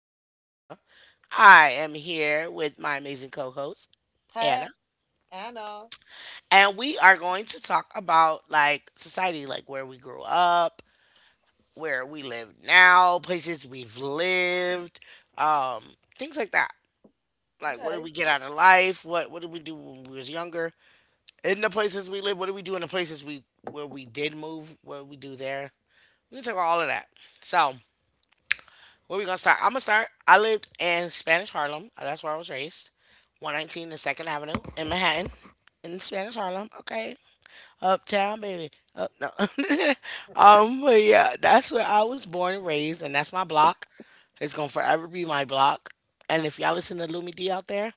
host, Veronica. I am here with my amazing co host, Hey, Anna, Anna. and we are going to talk about like society, like where we grew up, where we live now, places we've lived, um, things like that. Like, what did Okay. we get out of life? What did we do when we was younger? In the places we live, what did we do in the places we where we did move? What did we do there? We can talk about all of that. So, where we gonna start? I'm gonna start. I lived in Spanish Harlem. That's where I was raised. 119 and Second Avenue in Manhattan, in Spanish Harlem. Okay, uptown baby. Up no. But yeah, that's where I was born and raised, and that's my block. It's gonna forever be my block. And if y'all listen to Lumi D out there,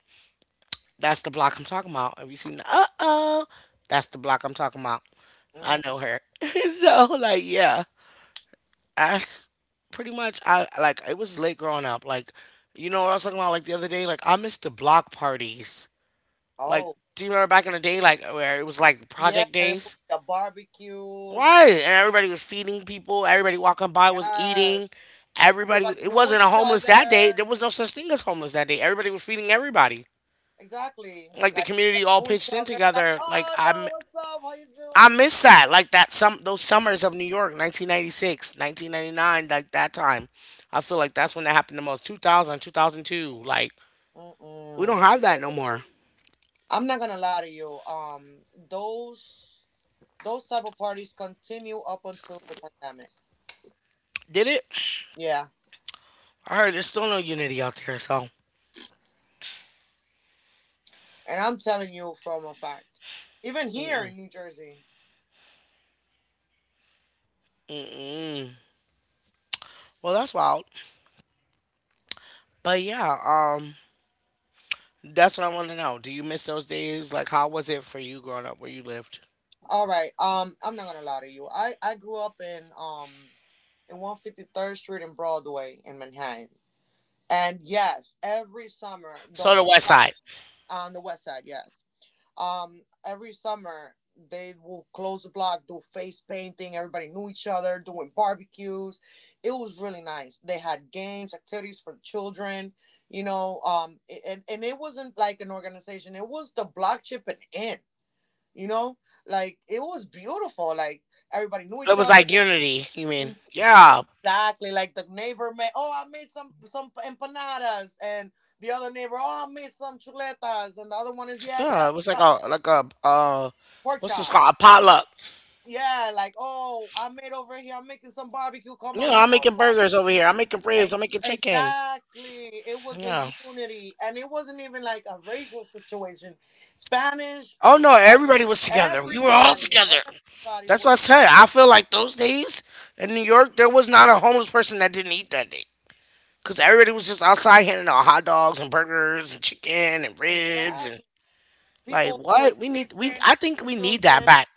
that's the block I'm talking about. Have you seen the oh? That's the block I'm talking about. I Mm, know her. So like yeah, as pretty much I like it was late growing up. Like, you know what I was talking about like the other day? Like I missed the block parties. Like, oh, do you remember back in the day like where it was like yeah. project There will days? be a barbecue. Right. And everybody was feeding people, everybody walking by was Yes. eating. Everybody Everybody it knew wasn't a each homeless that day. other. There was no such thing as homeless that day. Everybody was feeding everybody. Exactly. Like the Like, community everybody all knew each pitched in other. Be like, together. Like oh, I'm yo, what's up? How you I doing? miss that. Like that some those summers of New York, 1996, 1999, like that time. I feel like that's when that happened the most. 2000, 2002. Like we don't Mm-mm. have that no more. I'm not gonna lie to you. Those type of parties continue up until the pandemic. Did it? Yeah, I heard there's still no unity out there, so. and I'm telling you from a fact. Even here in New Jersey. Mm-mm. Well, that's wild. But yeah, um that's what I want to know. Do you miss those days? Like how was it for you growing up where you lived? All right. I'm not gonna lie to you. I grew up in 153rd Street and Broadway in Manhattan, and yes, every summer the So the whole West block Side. on the West Side. Yes. Every summer they will close the block, do face painting. Everybody knew each other, doing barbecues. It was really nice. They had games, activities for children. You know, and it wasn't like an organization. It was the block chipping in, you know, like it was beautiful, like everybody knew It each was other like unity, you mean? Yeah. exactly, like the neighbor made, oh, I made some empanadas, and the other neighbor, oh, I made some chuletas, and the other one is yeah, yeah, Yeah, it was uh, like a pork what's this called? A chops, potluck. yeah, like oh I made over here, I'm making some barbecue, come You know, on, you I'm want making some? burgers over here. I'm making ribs. E- I'm making chicken. exactly, it was a Yeah. unity and it wasn't even like a racial situation. Spanish, Oh no, uh, everybody was together. We were all everybody, together. everybody That's what was I said. I feel like those days in New York, there was not a homeless person that didn't eat that day. Cause everybody was just outside handing out hot dogs and burgers and chicken and ribs and Exactly, like people doing what we need. face We painting I think we for need that children, back,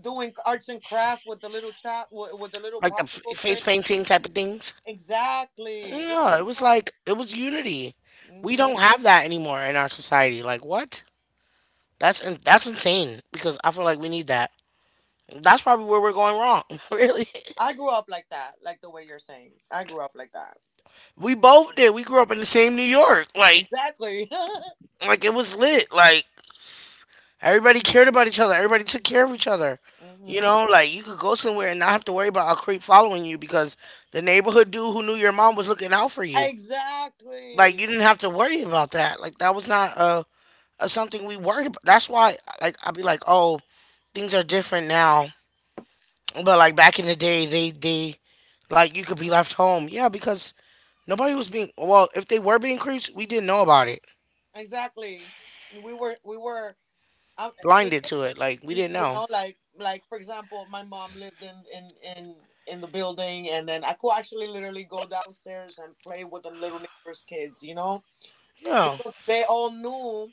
doing arts and craft with the little chop with the little like the f- popsicle face stick. painting type of things. Exactly. It was No, it was fun. like it was unity. We hmm don't have that anymore in our society. Like what? That's in, that's insane because I feel like we need that. That's probably where we're going wrong. Really, I grew up like that, like the way you're saying. I grew up like that. we both did. We grew up in the same New York. Exactly. Like it was lit. Like everybody cared about each other. Everybody took care of each other. You hmm know, like you could go somewhere and not have to worry about a creep following you because the neighborhood dude who knew your mom was looking out for you. Like Exactly. you didn't have to worry about that. Like that was not a something we worried about. That's why like I'd be like, oh, things are different now. But like back in the day, they like you could be left home. Yeah, because nobody was being well, if they were being creeps, we didn't know about it. Exactly. We were um, it, Blinded to it. Like we you didn't you know. know, like for example, my mom lived in in the building, and then I could actually literally go downstairs and play with the little neighbor's kids, you know? Yeah. Because they all knew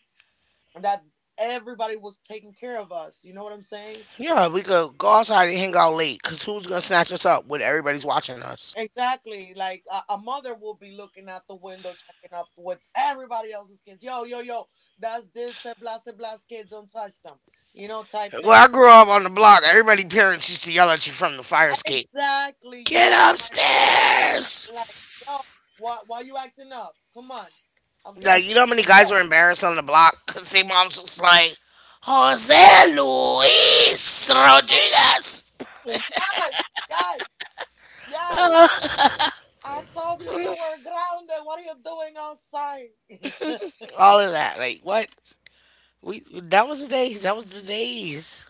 that everybody was taking care of us. You know what I'm saying? Yeah, we could go outside and hang out late cuz who's going to snatch us up when everybody's watching us? Exactly. Like a mother will be looking out the window, checking up with everybody else's kids. Yo, yo, yo, that's this, eh, blah, kids, don't touch them, you know, type Well, thing. I grew up on the block. Everybody parents used to yell at you from the fire escape. Exactly. Get Yes, my point. upstairs. Like, yo, why you acting up? Come on. I'll, get, I'll Like, show you know how you many the guys were belt. embarrassed on the block cuz their moms was like, "Jose Luis No. Rodriguez." Yes, yes, yes. I told you you were grounded. What are you doing outside? All of that. Like, what? We that was the days. That was the days.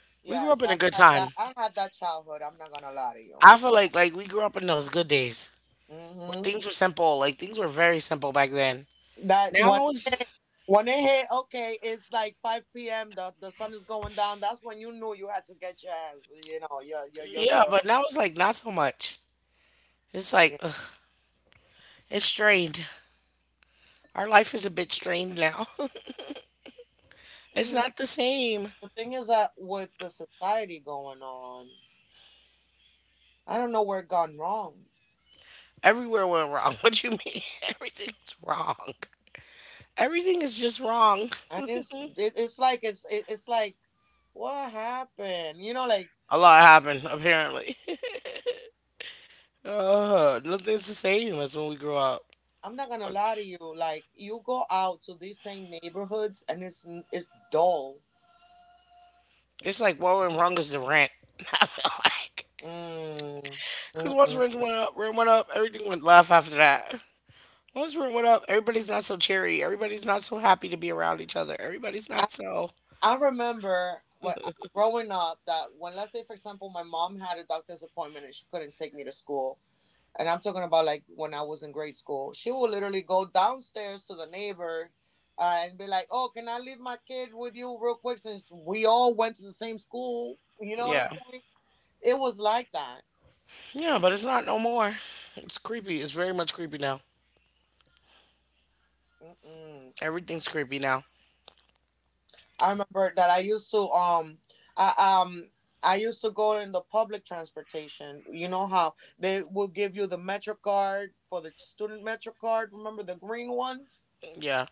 We grew up Yes, in I a good had that. time. I had that childhood. I'm not gonna lie to you. I feel like we grew up in those good days where hmm things were simple. Like things were very simple back then. That Now it's when it hit, okay, it's like 5 p.m. The sun is going down. That's when you knew you had to get your ass. You know, your your your yeah, but your. now it's like not so much. It's like Yeah. ugh, it's strained. Our life is a bit strained now. It's Mm. not the same. The thing is that with the society going on, I don't know where it gone wrong, Everywhere went wrong. What you mean? Everything's wrong. Everything is just wrong. and it's like it's like what happened. You know, like A lot happened apparently. Nothing's the same as when we grew up. I'm not gonna lie to you. Like you go out to these same neighborhoods and it's dull. It's like what went wrong is the rent. I feel like Mm. because once Mm-mm. Rent went up, everything went left after that. Once rent went up, everybody's not so cheery. Everybody's not so happy to be around each other. Everybody's I not so I remember when growing up that when let's say for example my mom had a doctor's appointment and she couldn't take me to school. And I'm talking about like when I was in grade school, she would literally go downstairs to the neighbor, and be like, "Oh, can I leave my kid with you real quick?" Since we all went to the same school, you know what I'm yeah, saying? It was like that. yeah. But it's not no more. It's creepy. It's very much creepy now. Mm-mm. Everything's creepy now. I remember that I used to I um I used to go in the public transportation. You know how they will give you the Metro card, for the student Metro card? Remember the green ones? Yeah.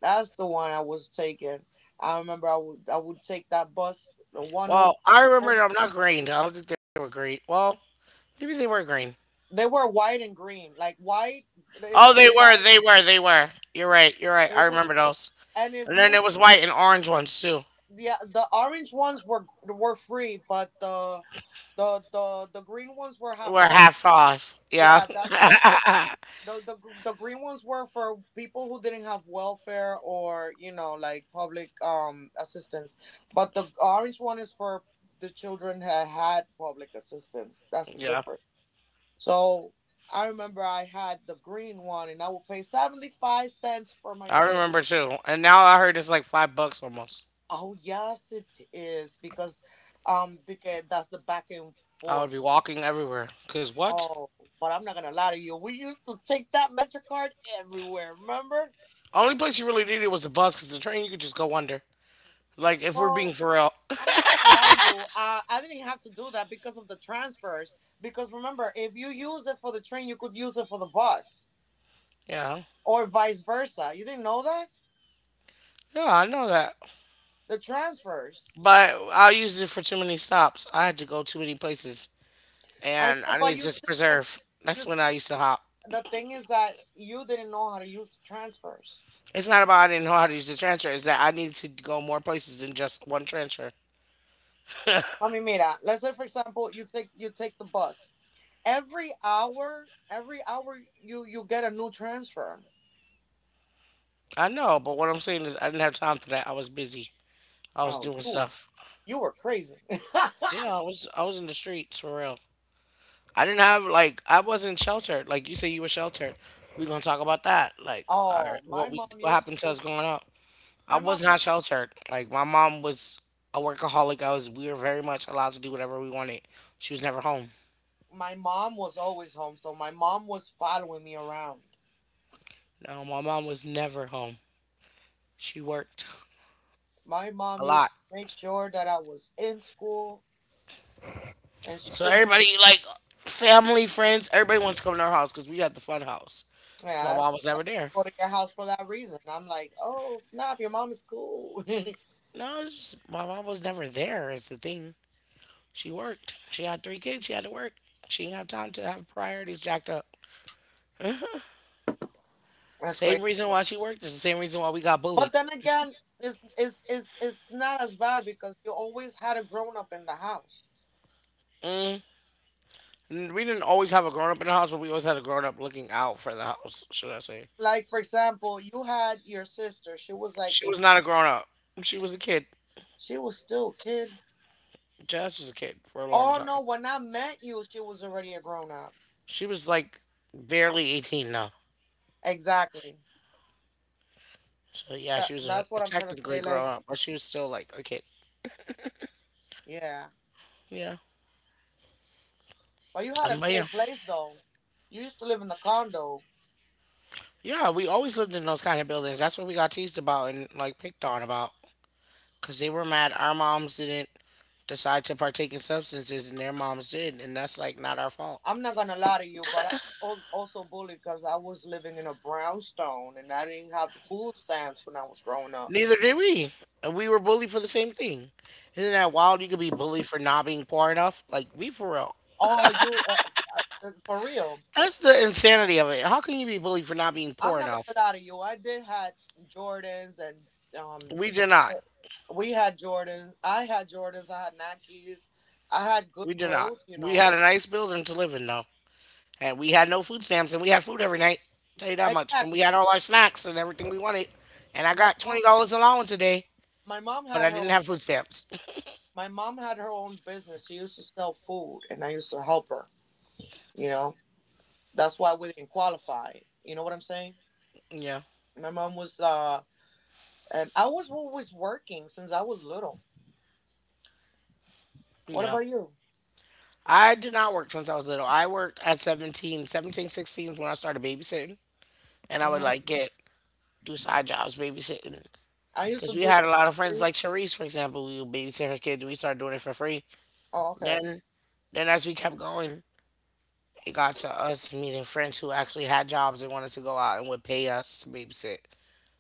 That's the one I was taking. I remember I would take that bus the one oh Well, I remember one. them not green. I don't think they were green. Well, maybe they were green. They were white and green, like white. It Oh, was a they were. white. They were. They were. You're right. You're right. I It was, remember those. and if And then you there was white and orange ones too. the orange ones were free, but the the green ones were half We're price. half off. Yeah. Yeah, that's for the the the green ones were for people who didn't have welfare, or you know, like public assistance, but the orange one is for the children that had public assistance. That's the Yeah. difference. So I remember I had the green one, and I would pay 75 cents for my I fare. remember too. And now I heard it's like $5 almost. Oh yes, it is because that's the back and I would be forth. walking everywhere. Cause what? Oh, but I'm not gonna lie to you. We used to take that MetroCard everywhere. Remember? Only place you really needed was the bus, cause the train you could just go under. Like if we're being Well, for real. I'm not gonna lie to you. I didn't have to do that because of the transfers. Because remember, if you use it for the train, you could use it for the bus, Yeah. or vice versa. You didn't know that Yeah, I know that. the transfers. But I used it for too many stops. I had to go too many places. I And know, I but needed you to still get preserve. That's you. when Still, I used to hop. the thing is that you didn't know how to use the transfers. It's not about I didn't know how to use the transfer, it's that I needed to go more places than just one transfer. I mean, mira. Let's say, for example, you take the bus. Every hour, you get a new transfer. I know, but what I'm saying is I didn't have time for that. I was busy. I was Oh, doing stuff. you were crazy. Yeah, I was in the streets for real. I didn't have like I wasn't sheltered. Like you say, you were sheltered. We gonna talk about that. Like all right, Oh, what my we mom what used happened to to. us growing up? I My mom was used not sheltered. Like my mom was a workaholic. I was We were very much allowed to do whatever we wanted. She was never home. my mom was always home, so my mom was following me around. No, my mom was never home. She worked My mom a used lot. to make sure that I was in school, and she So will make everybody like family, friends, everybody wants to come to our house because we had the fun house. So yeah. my That's, mom was I never there. go to your house for that reason. I'm like, oh snap, your mom is cool. No, it's just, my mom was never there. Is the thing. She worked. She had 3 kids. She had to work. She didn't have time to have priorities jacked up. That's crazy. Same reason why she worked is the same reason why we got But bullied. then again, it's not as bad because you always had a grown up in the house. Mm. N- We didn't always have a grown up in the house, but we always had a grown up looking out for the house, should I say. Like for example, you had your sister. She was like She a was not a grown up. She was a kid. she was still a kid. Jazz was a kid for a long Oh no, time. when I met you, she was already a grown up. She was like barely 18 now. Exactly. So yeah, That she was that's a what I'm trying to technically say. Like, grown up, but she was still like a kid. yeah, Yeah. but you had a But cool yeah, place though. You used to live in the condo. yeah, we always lived in those kind of buildings. That's what we got teased about and like picked on about, because they were mad our moms didn't decide to partake in substances and their moms did, and that's like not our fault. I'm not gonna lie to you, but I was also bullied because I was living in a brownstone and I didn't have the food stamps when I was growing up. Neither did we. And we were bullied for the same thing. Isn't that wild? You could be bullied for not being poor enough. Like, we for real. Oh, you for real? That's the insanity of it. How can you be bullied for not being I'm poor not enough? gonna lie to you. I did had Jordans and um, We did not. we had Jordans. I had Jordans. I had Nikes. I had We good did not. clothes. You We know, had a nice building to live in, though. And we had no food stamps, and we had food every night. Tell you that much. And we exactly. had all our snacks and everything we wanted. And I My got mom, $20 allowance a day, my mom but had I her. didn't have food stamps. My mom had her own business. She used to sell food, and I used to help her. You know, that's why we didn't qualify. You know what I'm saying? Yeah. My mom was, and I was always working since I was little. What Yeah. about you? I did not work since I was little. I worked at 17, 16 is when I started babysitting. And I would No, like get do side jobs babysitting. I used to Because we do had a lot of friends, delivery. like Sharice, for example, we would babysit her kid. We started doing it for free. Oh, okay. Then, then as we kept going, it got to us meeting friends who actually had jobs and wanted to go out and would pay us to babysit.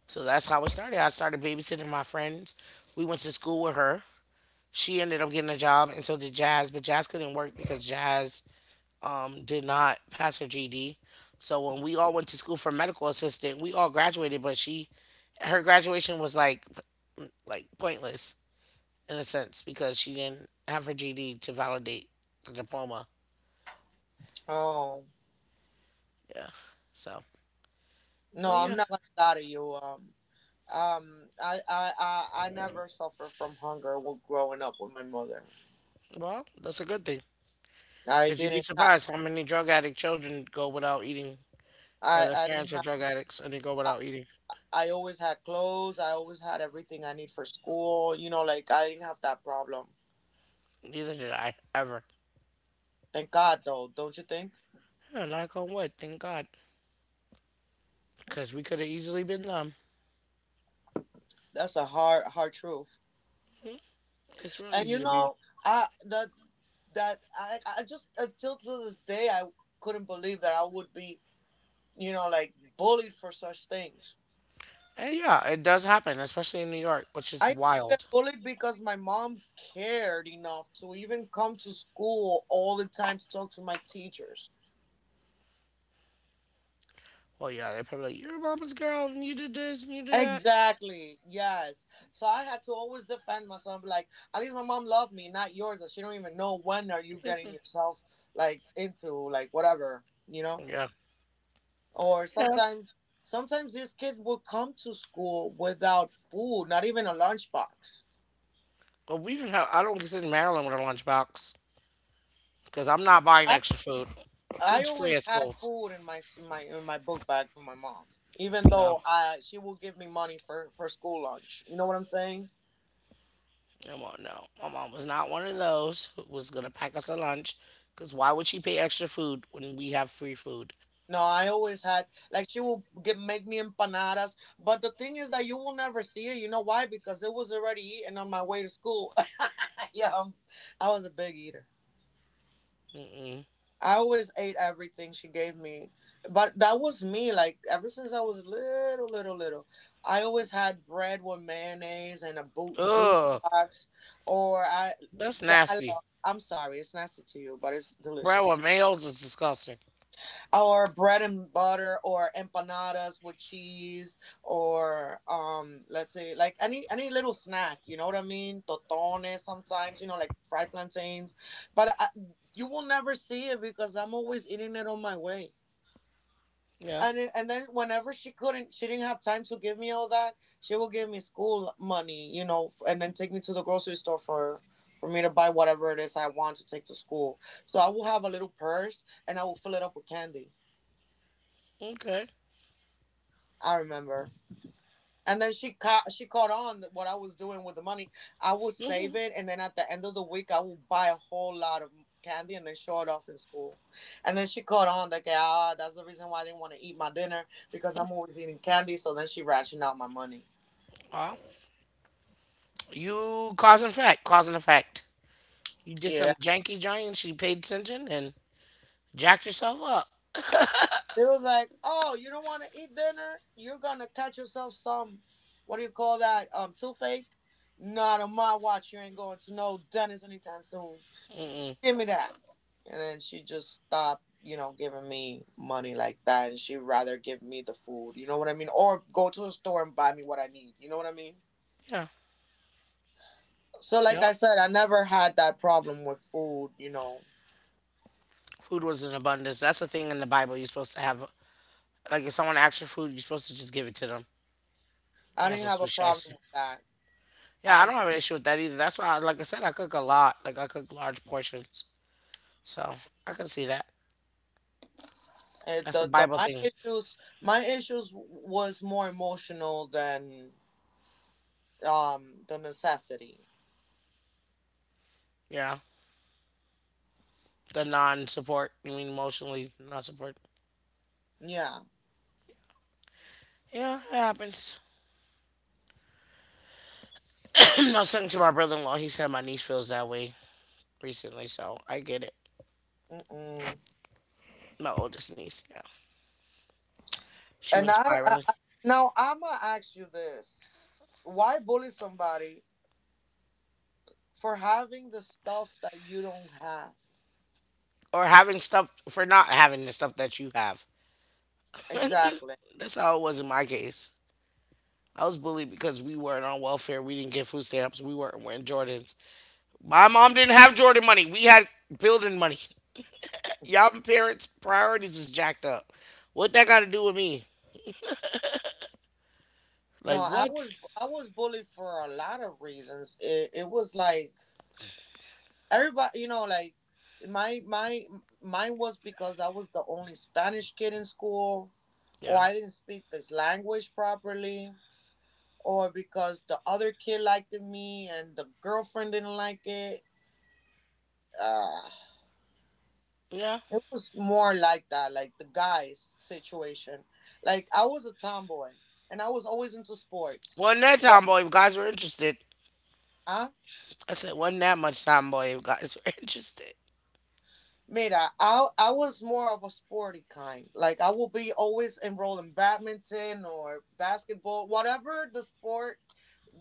So that's how it started. I started babysitting my friends. We went to school with her. She ended up getting a job, and so did Jazz. But Jazz couldn't work because Jazz did not pass her GD. So when we all went to school for medical assistant, we all graduated, but she her graduation was like p- like pointless in a sense because she didn't have her GD to validate the diploma. Oh, Yeah. So, no, but I'm yeah, not gonna lie to you. I never suffered from hunger while growing up with my mother. well, that's a good thing I because you'd be didn't have, surprised how many drug addict children go without eating, or their I parents didn't are have. drug addicts and they go without eating. I always had clothes. I always had everything I need for school. You know, like I didn't have that problem. Neither did I ever. Thank God, though, don't you think? Yeah, knock on wood, thank God, because we could have easily been them. That's a hard, hard truth. It's real And you easy to be. know, I that that I just until to this day I couldn't believe that I would be, you know, like bullied for such things. And yeah, it does happen, especially in New York, which is I used to get wild. bullied because my mom cared enough to even come to school all the time to talk to my teachers. Well, yeah, they're probably like, "You're mama's girl, and you did this, and you did that." Exactly. Yes. So I had to always defend myself. Like, at least my mom loved me, not yours. That she don't even know when are you getting yourself like into like whatever, you know. Yeah, Or yeah. sometimes, sometimes these kids will come to school without food, not even a lunchbox. But we didn't have. I don't consider Maryland with a lunchbox because I'm not buying I extra food. I Food's free always at had school. food in my my in my book bag from my mom, even No, though I she will give me money for school lunch. You know what I'm saying? no, mo- no. My mom was not one of those who was gonna pack us a lunch. Because why would she pay extra food when we have free food? No, I always had like she will get make me empanadas, but the thing is that you will never see it. You know why? Because it was already eaten on my way to school. yeah, i I was a big eater. Mm-mm. I always ate everything she gave me, but that was me. Like ever since I was little, little, little, I always had bread with mayonnaise and a boot juice Ugh, box, or I. that's The, I nasty. love. I'm sorry, it's nasty to you, but it's Bread delicious. with mayos is disgusting. Or bread and butter, or empanadas with cheese, or let's say like any little snack, you know what I mean, totones, sometimes, you know, like fried plantains, but I, you will never see it because I'm always eating it on my way, Yeah. And then whenever she didn't have time to give me all that, she will give me school money, you know, and then take me to the grocery store for me to buy whatever it is I want to take to school. So I will have a little purse and I will fill it up with candy. Okay. I remember, and then she caught on that what I was doing with the money. I would save Hmm. it, and then at the end of the week, I would buy a whole lot of candy and then show it off in school. And then she caught on that, okay, that's the reason why I didn't want to eat my dinner because I'm always eating candy. So then she rationed out my money. You cause and effect, cause and effect. You did Yeah, some it janky giant, she paid attention and jacked yourself up. was like, oh, you don't want to eat dinner? You're gonna catch yourself some, what do you call that? Toothache. Not on my watch. You ain't going to no dentist anytime soon. Give me that. And then she just stopped, you know, giving me money like that. And she'd rather give me the food, you know what I mean? Or go to a store and buy me what I need, you know what I mean? Yeah, So, like I yeah. said, I never had that problem with food, you know. Food was in abundance. That's the thing in the Bible. You're supposed to have, like, if someone asks for food, you're supposed to just give it to them. I You're not didn't have supposed to a be problem shisty. with that. Yeah, I Um, don't have an issue with that either. That's why, like I said, I cook a lot. Like, I cook large portions. So, I can see that. eh, That's a the Bible my thing. issues my issues was more emotional than the necessity. Yeah. The non support, you mean emotionally not support. Yeah. Yeah, it happens. I was talking to my brother in law. He said my niece feels that way recently, so I get it. Mm-mm. My oldest niece, yeah. She And was spiraling I Now I'ma ask you this: why bully somebody for having the stuff that you don't have? or having stuff for not having the stuff that you have. 'Cause Exactly. that's how it was in my case. I was bullied because we weren't on welfare. We didn't get food stamps. We weren't wearing Jordans. My mom didn't have Jordan money. We had building money. Y'all parents' priorities is jacked up. What that got to do with me? No, Like I what? was I was bullied for a lot of reasons. It was like everybody, you know, like my mine was because I was the only Spanish kid in school, or Yeah, I didn't speak this language properly, or because the other kid liked me and the girlfriend didn't like it. Uh, yeah. It was more like that, like the guys situation. Like I was a tomboy and I was always into sports. Wasn't that Well, time, boy? If guys were interested, huh? I said, wasn't that much time, boy? If guys were interested. Mira, I was more of a sporty kind. Like I will be always enrolled in badminton or basketball, whatever the sport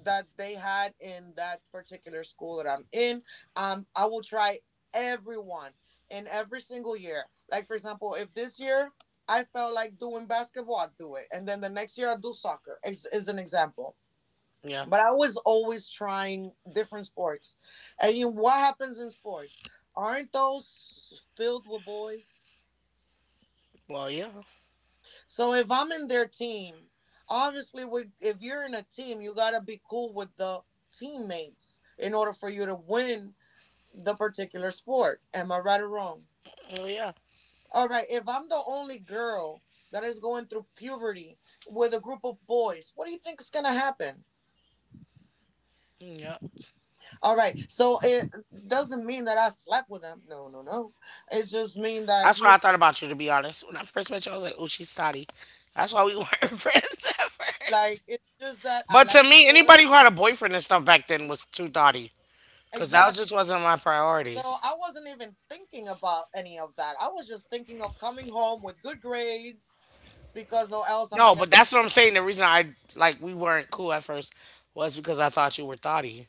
that they had in that particular school that I'm in. I will try everyone in every single year. Like, for example, if this year I felt like doing basketball, I'll do it, and then the next year I'll do soccer. Is an example. Yeah. But I was always trying different sports. And, you know, what happens in sports? Aren't those filled with boys? Well, yeah. So if I'm in their team, obviously, if you're in a team, you got to be cool with the teammates in order for you to win the particular sport. Am I right or wrong? Oh yeah. All right, if I'm the only girl that is going through puberty with a group of boys, what do you think is going to happen? Mm, yeah. All right. So it doesn't mean that I slept with him. No, no, no. It just mean that, That's you what know, I thought about you, to be honest. When I first met you, I was like, "Oh, she's thotty." That's why we weren't friends at like first. it's just that I But to like the me, sport. anybody who had a boyfriend and stuff back then was too thotty, because that was- Exactly. just wasn't my So priorities. I wasn't even thinking about any of that. I was just thinking of coming home with good grades because or else I'm gonna No, get but punished. that's what I'm saying. The reason I, like, we weren't cool at first was because I thought you were thotty.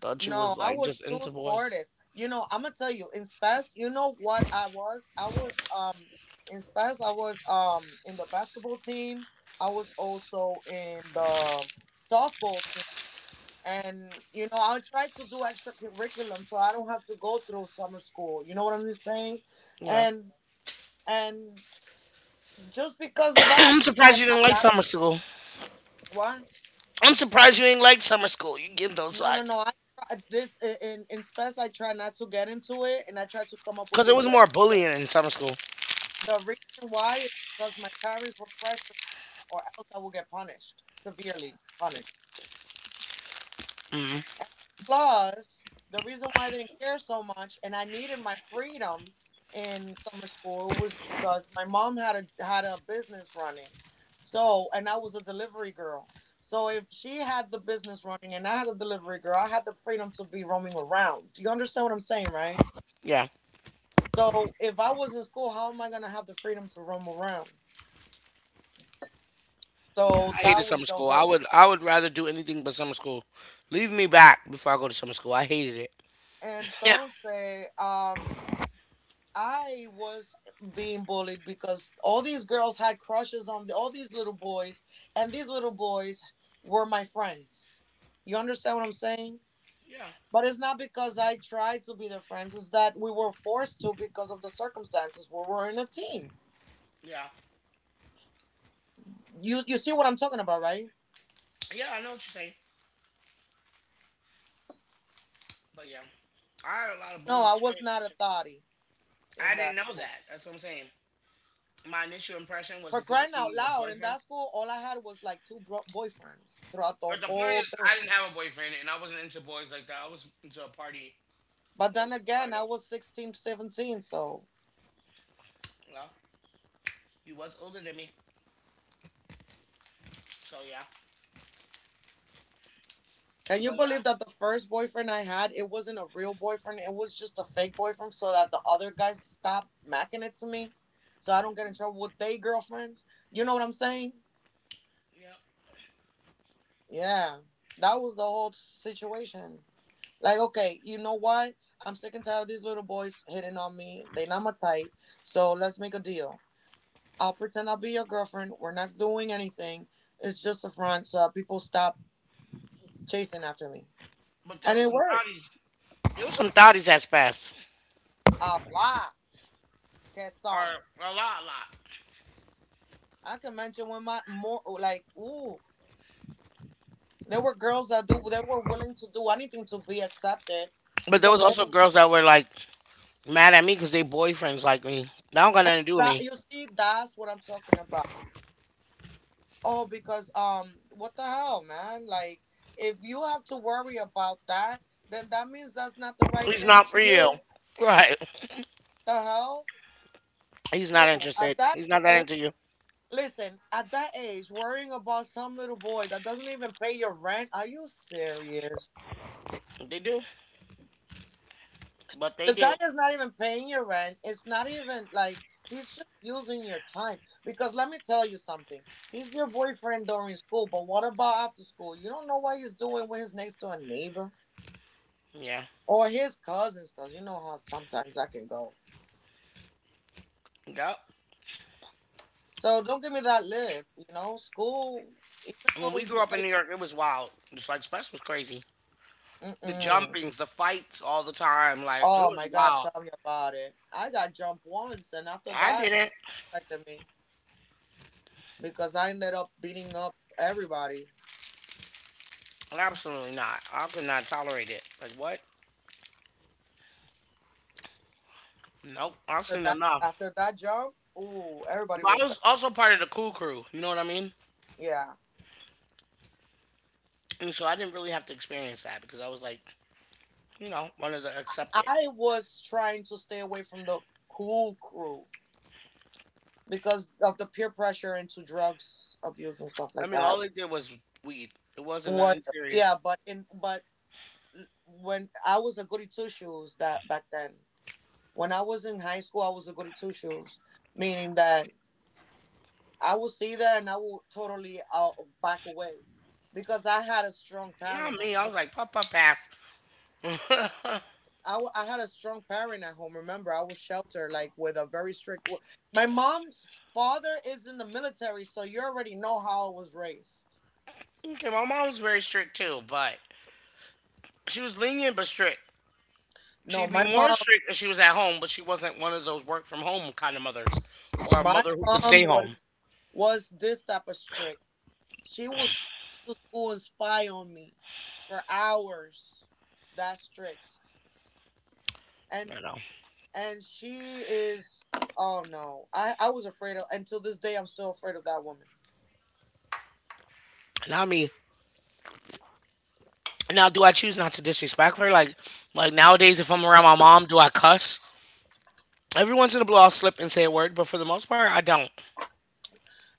Thought you No, was I like was just too into boys. sportive. You know, I'm gonna tell you, in Spes, you know what I was? I was in Spes, I was in the basketball team. I was also in the softball team, and you know, I try to do extra curriculum so I don't have to go through summer school, you know what I'm saying, Yeah. and and just because of that I'm I had surprised you didn't a like lot of. summer school. What? I'm surprised you ain't like summer school. You give those No no no vibes. I try- this, in Spes I try not to get into it, and I try to come up with Cause it good was grades. more the, bullying in summer school. the reason why is because my parents were pressured, or else I would get punished, severely punished. And plus, the reason why I didn't care so much and I needed my freedom in summer school was because my mom had a business running. So, and I was a delivery girl. So if she had the business running and I had a delivery girl, I had the freedom to be roaming around. Do you understand what I'm saying, right? Yeah. So if I was in school, how am I gonna have the freedom to roam around? I So hated that was summer the school. I whole. would I would rather do anything but summer school. Leave me back before I go to summer school. I hated it. Yeah. Entonces, I was being bullied because all these girls had crushes on all these little boys, and these little boys were my friends. You understand what I'm saying? But it's not because I tried to be their friends, it's that we were forced to because of the circumstances where we're in a team. Yeah, You see what I'm talking about, right? yeah, yeah. I know what you're saying, but yeah, I had a lot of No, bullying I was not experiences a too. thotty I in didn't that know school. that. That's what I'm saying. My initial impression was For because I crying see out you with loud, in boyfriend, that school, all I had was like two bro- boyfriends throughout the but the point whole is, I thing. didn't have a boyfriend, and I wasn't into boys like that. I was into a party. But I was then into a again, party. I was 16, 17, so. Well, you was older than me, so yeah. Can you But believe yeah, that the first boyfriend I had, it wasn't a real boyfriend, it was just a fake boyfriend so that the other guys stop macking it to me? So I don't get in trouble with their girlfriends. You know what I'm saying? yeah. Yeah. That was the whole situation. Like, okay, you know what? I'm sick and tired of these little boys hitting on me. They not my type. So let's make a deal. I'll be your girlfriend. We're not doing anything. It's just a front so that people stop chasing after me. But there And was it some worked. thotties. There was some thoughties that passed. A lot. Get Or some. a lot, a lot. I can mention when my more like ooh, there were girls that do they were willing to do anything to be accepted But there because was also they girls that were like mad at me because they boyfriends like me. That don't got nothing to do with that me. you see that's what I'm talking about. Oh, because what the hell, man? Like if you have to worry about that, then that means that's not the right He's man not for for you. you. Right. The hell, He's not sure. interested. At that He's not that age, into you. listen, at that age, worrying about some little boy that doesn't even pay your rent. Are you serious? They do. But they The guy do. is not even paying your rent. It's not even like he's just using your time. Because let me tell you something. He's your boyfriend during school, but what about after school? You don't know what he's doing with his next door neighbor Yeah. or his cousins, because you know how sometimes that can go. Yep. So don't give me that lip. You know, school, even When though we you grew up in say, New York, it was wild. Just like Spence was crazy. The mm-mm. jumpings, the fights all the time. Like, it Oh my was God, wild. tell me about it. I got jumped once, and after I that, didn't. it affected me because I ended up beating up everybody Absolutely not. I could not tolerate it. Like, what? Nope. I've after seen that, enough. after that jump, ooh, everybody But I was respect. also part of the cool crew. You know what I mean? Yeah, And so I didn't really have to experience that because I was like, you know, wanted to I accept it. I was trying to stay away from the cool crew because of the peer pressure into drugs abuse and stuff I like mean, that. all they did was weed. It wasn't What? nothing Yeah, serious. but in but when I was a goody two shoes that back then. When I was in high school, I was a goody two shoes, meaning that I would see that and I would totally back away because I had a strong Not parent. me. I was like, pop, pop, pass. I had a strong parent at home. Remember, I was sheltered, like with a very strict. My mom's father is in the military, so you already know how I was raised. Okay, my mom's very strict too, but she was lenient but strict. No, She'd be my more mom, strict if she was at home, but she wasn't one of those work from home kind of mothers or a My mother who could mom stay home. Was this type of strict. She was to school and spy on me for hours. That strict, and You know, and she is. Oh no, I was afraid of. Until this day, I'm still afraid of that woman. not me. Now, do I choose not to disrespect her? Like nowadays, if I'm around my mom, do I cuss? Every once in a blue, I'll slip and say a word, but for the most part, I don't.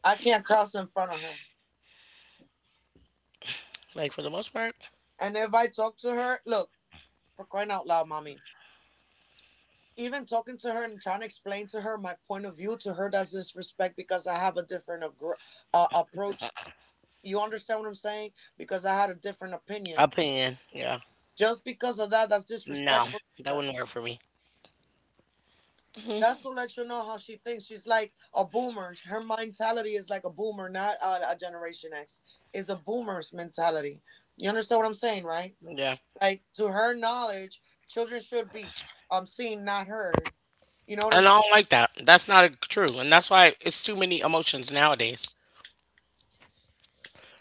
I can't cross in front of her. Like for the most part, And if I talk to her, look. For crying out loud, mommy. Even talking to her and trying to explain to her my point of view to her, that's disrespect because I have a different agr approach. You understand what I'm saying? Because I had a different I opinion. pay in. Yeah. Just because of that, that's No, disrespectful to that her. wouldn't work for me. That's to let you know how she thinks. She's like a boomer. Her mentality is like a boomer, not a Generation X. It's a boomer's mentality. You understand what I'm saying, right? Yeah. Like, to her knowledge, children should be seen, not heard. You know what I'm And I saying? don't like that. That's not a, true. And that's why it's too many emotions nowadays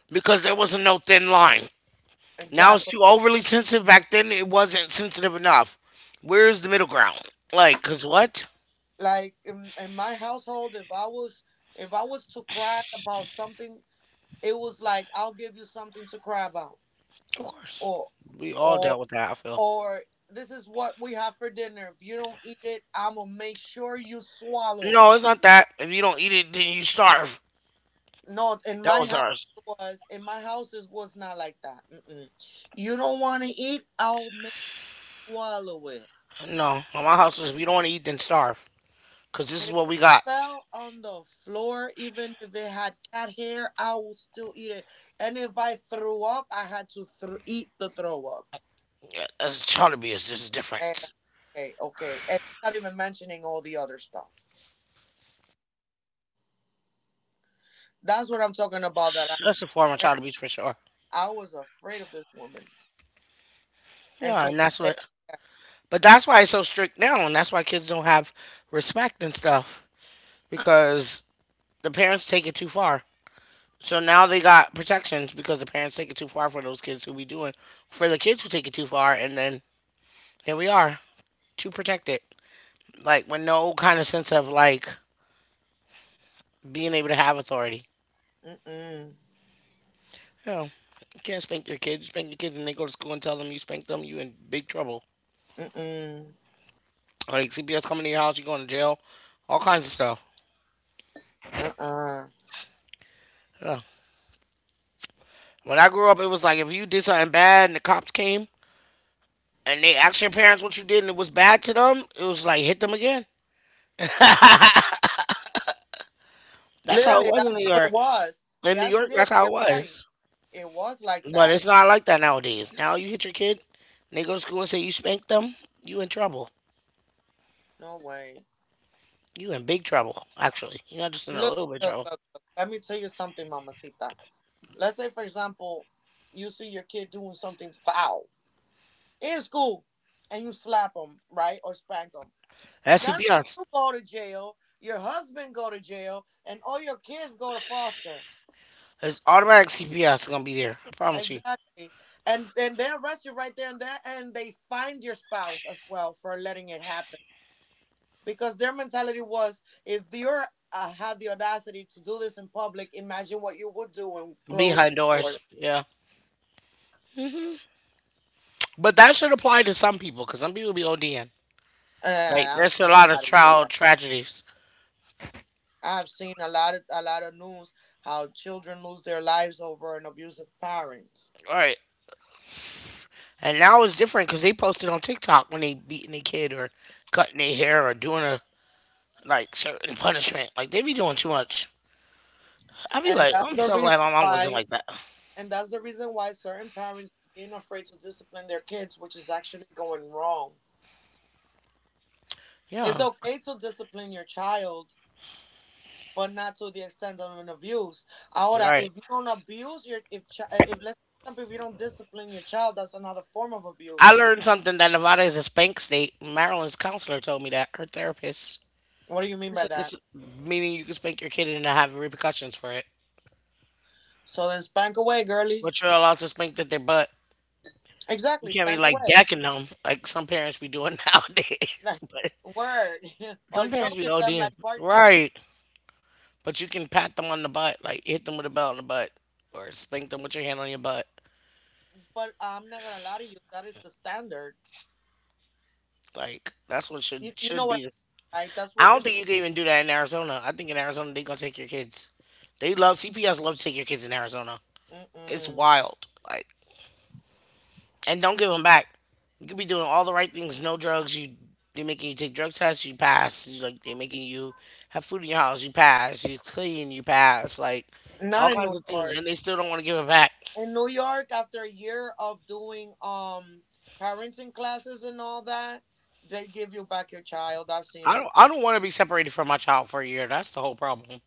because there wasn't no thin line. Now it's Exactly. too overly sensitive. Back then, it wasn't sensitive enough. Where's the middle ground? Like, because what? Like in my household, if I was if I was to cry about something, it was like, "I'll give you something to cry about," Of course. or We all or dealt with that, I feel. or "This is what we have for dinner. If you don't eat it, I'm gonna make sure you swallow it." No, it's not that. If you don't eat it, then you starve. No, in That my was house, ours. it was in my house it was not like that. Mm-mm. You don't want to eat, I'll make you swallow it. No, on my house was if you don't want to eat, then starve. Because this is If what it we got. fell on the floor, even if it had cat hair, I would still eat it. And if I threw up, I had to thr eat the throw up. Yeah, that's child abuse. There's a Eh, difference. okay, okay. And I'm not even mentioning all the other stuff. That's what I'm talking about. That I That's a form of afraid. child abuse for sure. I was afraid of this woman Yeah, and until that's this what. But that's why it's so strict now, and that's why kids don't have respect and stuff because the parents take it too far. So now they got protections because the parents take it too far for those kids who be doing, for the kids who take it too far, and then here we are too protected, like with no kind of sense of like being able to have authority. day. Mm-mm, You know, you can't spank your kids. You spank your kids, and they go to school and tell them you spanked them. You in big trouble. mm-mm, Like CPS coming to your house, you going to jail, all kinds of stuff. uh-uh. Yeah. When I grew up, it was like if you did something bad and the cops came and they asked your parents what you did and it was bad to them, it was like hit them again. That's how it Literally, was in that's New how it York. was. In New Yes, York, it that's is. how it You're right. was. It was like But that. it's not like that nowadays. Now you hit your kid, and they go to school and say you spanked them, you in trouble. No way. You in big trouble, actually. You're not just in a Look, little bit of look, trouble. look, look. Let me tell you something, Mamacita. Let's say, for example, you see your kid doing something foul in school and you slap them, right? Or spank them. That's Not CPS. only you go to jail, your husband go to jail, and all your kids go to foster. It's automatic CPS gonna be there. I promise you. Exactly. And they arrest you right there and there, and they find your spouse as well for letting it happen. Because their mentality was, if you're have the audacity to do this in public, imagine what you would do in Behind closed doors. doors. Yeah. But that should apply to some people, because some people be ODing. Like, Uh, I'm there's a not lot of out of you. Yeah. child tragedies. I've seen a lot of news how children lose their lives over an abusive parent. All right. And now it's different because they posted on TikTok when they beating a kid or cutting their hair or doing a like certain punishment. Like they be doing too much. I be And like, that's I'm the so glad reason my mom wasn't why, like that. Certain parents are being afraid to discipline their kids, which is actually going wrong. It's Yeah. okay to discipline your child, but not to the extent of an abuse. Ahora, Right. if you don't abuse your if let's for example if you don't discipline your child, that's another form of I abuse. learned something that Nevada is a spank state. Maryland's counselor told me that, her therapist. What do you She mean by said this that? meaning you can spank your kid and not have repercussions for it. So then spank away, girly. But you're allowed to spank that their butt. You Exactly, can't be spank like away. decking them like some parents be doing nowadays. Like, But word or some parents be choking them ODing. like Bart Simpson. Right. But you can pat them on the butt, like hit them with a belt on the butt, or spank them with your hand on your butt. But I'm not gonna lie to you, that is the standard. Like that's what should You know should what, be. This. I'm right? That's what I you're. don't think you can even do that in Arizona. I think in Arizona they gonna take your kids. They love CPS. Love to take your kids in Arizona. It's Mm-mm. wild. Like, and don't give them back. You could be doing all the right things. No drugs. You, they making you take drug tests. You pass. You, like they making you have food in your house. You pass. You clean. You pass. Like Not all in New kinds of things, York. and they still don't want to give it back. In New York, after a year of doing parenting classes and all that, they give you back your child. I've seen I it, don't I don't want to be separated from my child for a year. That's the whole problem.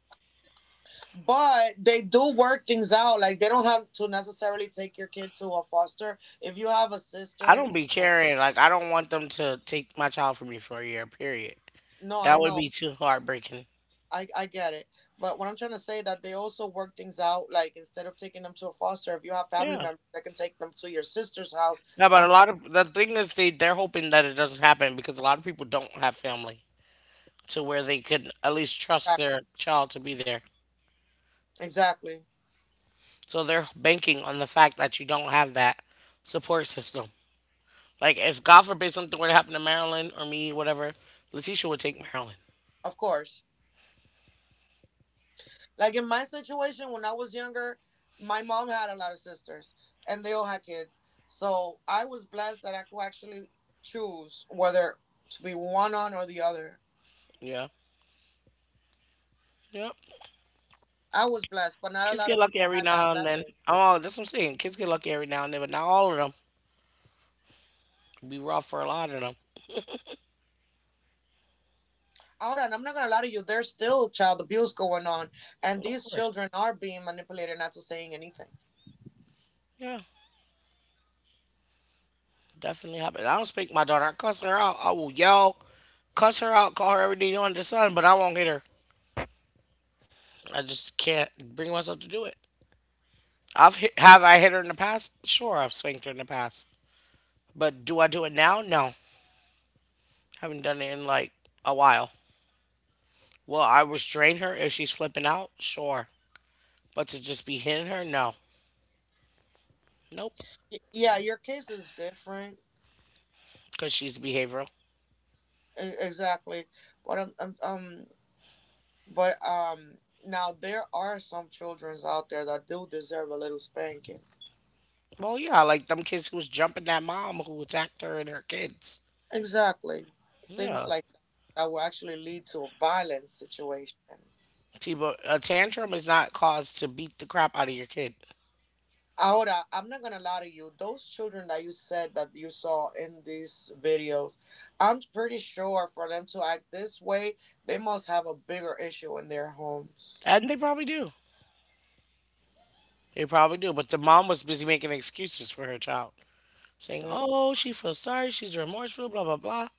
but they do work things out. Like they don't have to necessarily take your kid to a foster if you have a I sister. don't be And, caring. Like I don't want them to take my child from me for a year, period. no, I That would know. be too heartbreaking. I get it. But what I'm trying to say that they also work things out. Like instead of taking them to a foster, if you have family Yeah. members that can take them to your sister's house Yeah, but a until lot of the thing is they're hoping that it doesn't happen because a lot of people don't have family to where they could at least trust their child to be there. exactly. So they're banking on the fact that you don't have that support system. Like if God forbid something were to happen to Marilyn or me, whatever, Letitia would take Marilyn. Of course. Like in my situation when I was younger, my mom had a lot of sisters and they all had kids. So I was blessed that I could actually choose whether to be one on or the other. Yeah. Yep. I was blessed, but not a Kids lot get of lucky people every had that now and then. blessing. Oh, that's what I'm saying. Kids get lucky every now and then, but not all of them. It'd be rough for a lot of them. Ahora, and I'm not gonna lie to you, there's still child abuse going on, and But of these course, children are being manipulated not to saying anything. yeah, definitely happen. I don't speak my daughter. I cuss her out. I will yell, cuss her out, call her everything under the sun, but I won't hit her. I just can't bring myself to do it. Have I hit her in the past? Sure, I've spanked her in the past. But do I do it now? No, haven't done it in like a while. Will I restrain her if she's flipping out? Sure, but to just be hitting her? No, nope, Yeah, your case is different, because she's behavioral. Exactly. But but um, now there are some childrens out there that do deserve a little spanking. Well, yeah, like them kids who was jumping that mom who attacked her and her kids. Exactly, things Yeah. like that that will actually lead to a violent situation. A tantrum is not cause to beat the crap out of your kid. Ahora, I'm not gonna lie to you. Those children that you said that you saw in these videos, I'm pretty sure for them to act this way, they must have a bigger issue in their homes. And they probably do. They probably do. But the mom was busy making excuses for her child, saying, Mm. oh, she feels sorry, she's remorseful, blah, blah, blah.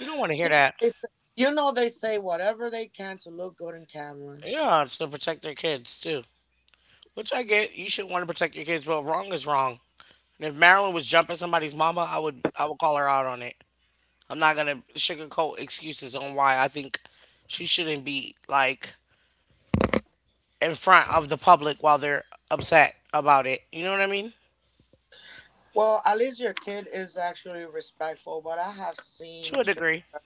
We don't want to You hear know, that. they say, they say whatever they can to look good in cameras. Yeah, to protect their kids, too. Which I get. You should want to protect your kids, but wrong is wrong. And if Marilyn was jumping somebody's mama, I would call her out on it. I'm not gonna sugarcoat excuses on why I think she shouldn't be like in front of the public while they're upset about it. You know what I mean? Well, at least your kid is actually respectful, but I have seen To a children degree. that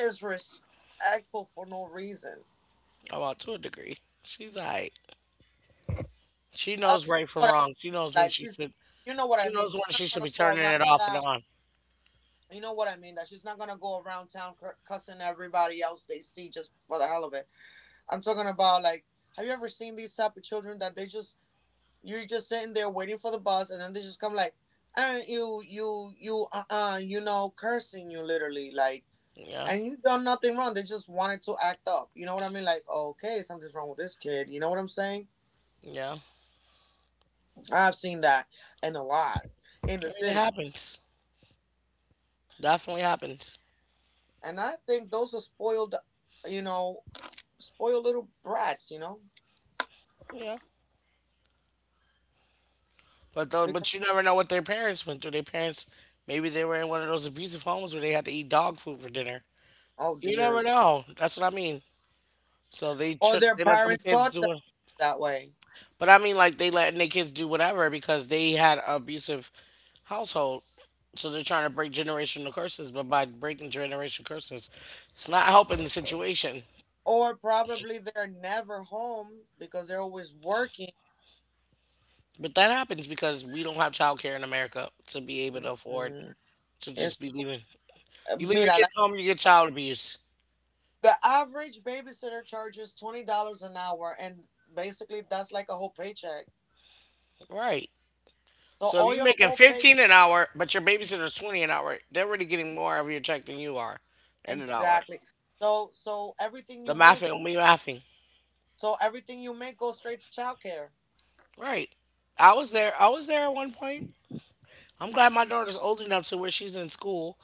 is respectful for no reason. Oh, well, to a degree. She's alright. She I, knows right from what wrong. She knows I when like, she she's, should. you know what I She mean. knows She's when not she should gonna be go turning around it off and town. on. You know what I mean? That she's not gonna go around town cussing everybody else they see just for the hell of it. I'm talking about, like, have you ever seen these type of children that they just, you're just sitting there waiting for the bus and then they just come like, you you know, cursing you literally, like Yeah, and you done nothing wrong. They just wanted to act up. You know what I mean? Like, okay, something's wrong with this kid. You know what I'm saying? yeah. I've seen that and a lot in the I mean, it city, happens. Definitely happens. and I think those are spoiled. You know, spoiled little brats. You know. Yeah. But though, Because but you never know what their parents went through. Their parents, maybe they were in one of those abusive homes where they had to eat dog food for dinner. oh You dear, Lord. never know. That's what I mean. So they Or should their they let them parents kids taught them do it. that way, But I mean, like they letting their kids do whatever because they had an abusive household. So they're trying to break generational curses, but by breaking generational curses, it's not helping the situation. or probably they're never home because they're always working. But that happens because we don't have childcare in America to be able to afford Mm-mm. to It's just be leaving. You leave your mira, kids home, you get child abuse. the average babysitter charges $20 an hour, and basically that's like a whole paycheck. Right. So So if all you're your making whole pay 15 an hour, but your babysitter's 20 an hour, they're already getting more of your check than you are in an hour. exactly. So everything The you make, mathing, we mathing. Everything you make goes straight to childcare. Right. I was there. I was there at one point. I'm glad my daughter's old enough to where she's in school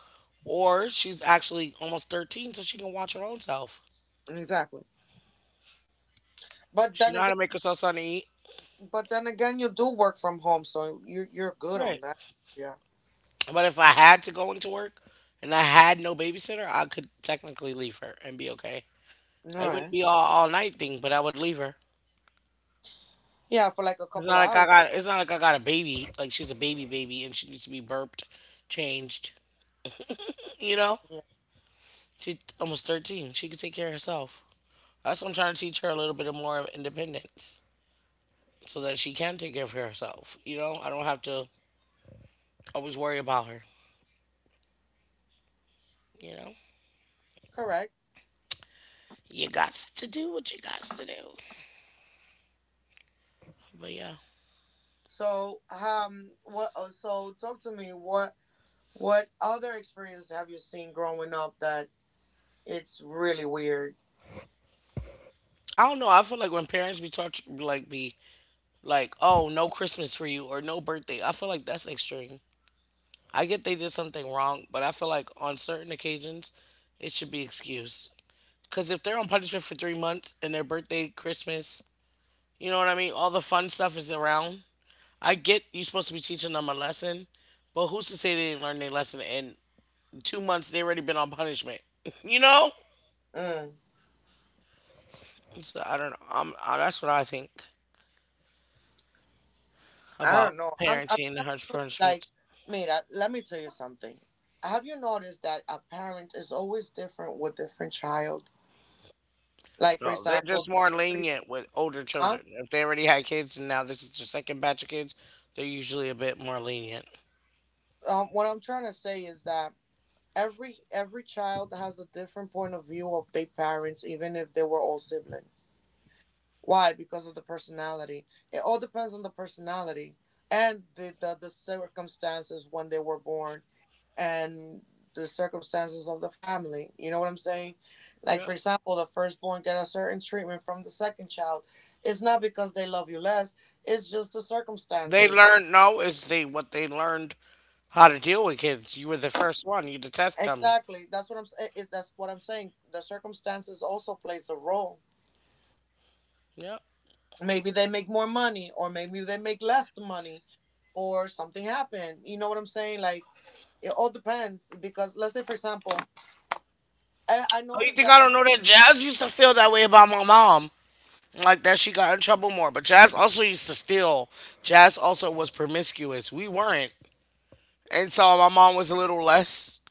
or she's actually almost 13 so she can watch her own self. Exactly. But She then know how again, to make herself something to eat. but then again, you do work from home, so you're good on Right. that. Yeah. But if I had to go into work and I had no babysitter, I could technically leave her and be okay. All I wouldn't right. be all night thing, but I would leave her. Yeah, for like a It's couple not of like I hours. got it's not like I got a baby. Like she's a baby baby and she needs to be burped, changed. You know? Yeah. She's almost 13. She could take care of herself. That's what I'm trying to teach her a little bit of more of independence so that she can take care of herself. You know, I don't have to always worry about her. You know, Correct. you got to do what you got to do. But yeah, So, so, talk to me. What other experience have you seen growing up that it's really weird? I don't know. I feel like when parents be taught, like, be like, oh, no Christmas for you or no birthday, I feel like that's extreme. I get they did something wrong, but I feel like on certain occasions, it should be excused. Because if they're on punishment for 3 months and their birthday, Christmas, you know what I mean? All the fun stuff is around. I get you're supposed to be teaching them a lesson, but who's to say they didn't learn their lesson in 2 months? They already been on punishment, you know. Mm, So I don't know. That's what I think I about don't know. I'm parenting and telling harsh you, like, punishments. mira, let me tell you something. Have you noticed that a parent is always different with different child? Like, for No, they're just example, more the- lenient with older huh? children. If they already had kids and now this is their second batch of kids, they're usually a bit more lenient. What I'm trying to say is that every child has a different point of view of their parents, even if they were all siblings. Why? Because of the personality. It all depends on the personality and the circumstances when they were born and the circumstances of the family. You know what I'm saying? Like, Yeah, for example, the firstborn get a certain treatment from the second child. It's not because they love you less, it's just the they circumstances. learned. No, it's they what they learned how to deal with kids. You were the first one. You the test dummy. Exactly. That's what I'm saying. The circumstances also plays a role. Yeah. Maybe they make more money or maybe they make less money or something happened, you know what I'm saying, like it all depends. Because let's say, for example, I Oh, you noticed think that I don't every, know that Jazz used to feel that way about my mom? Like that she got in trouble more. But Jazz also used to steal. Jazz also was promiscuous. We weren't. And so my mom was a little less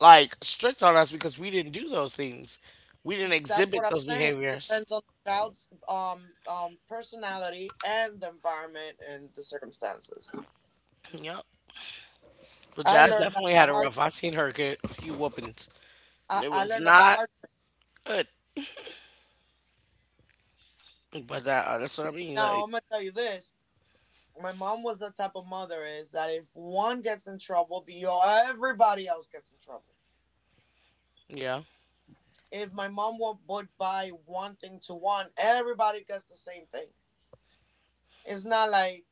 like strict on us because we didn't do those things. We didn't that's what exhibit I'm those saying, behaviors. depends on the child's personality and the environment and the circumstances. Yep. But I Jazz learned that definitely the had a hard rough. I way. seen her get a few whoopings. And it I was learned that the not hard good. But that's what I way. mean. Now Like, I'm gonna tell you this. My mom was the type of mother is that if one gets in trouble, the everybody else gets in trouble. yeah, If my mom would buy one thing to one, everybody gets the same thing. It's not like,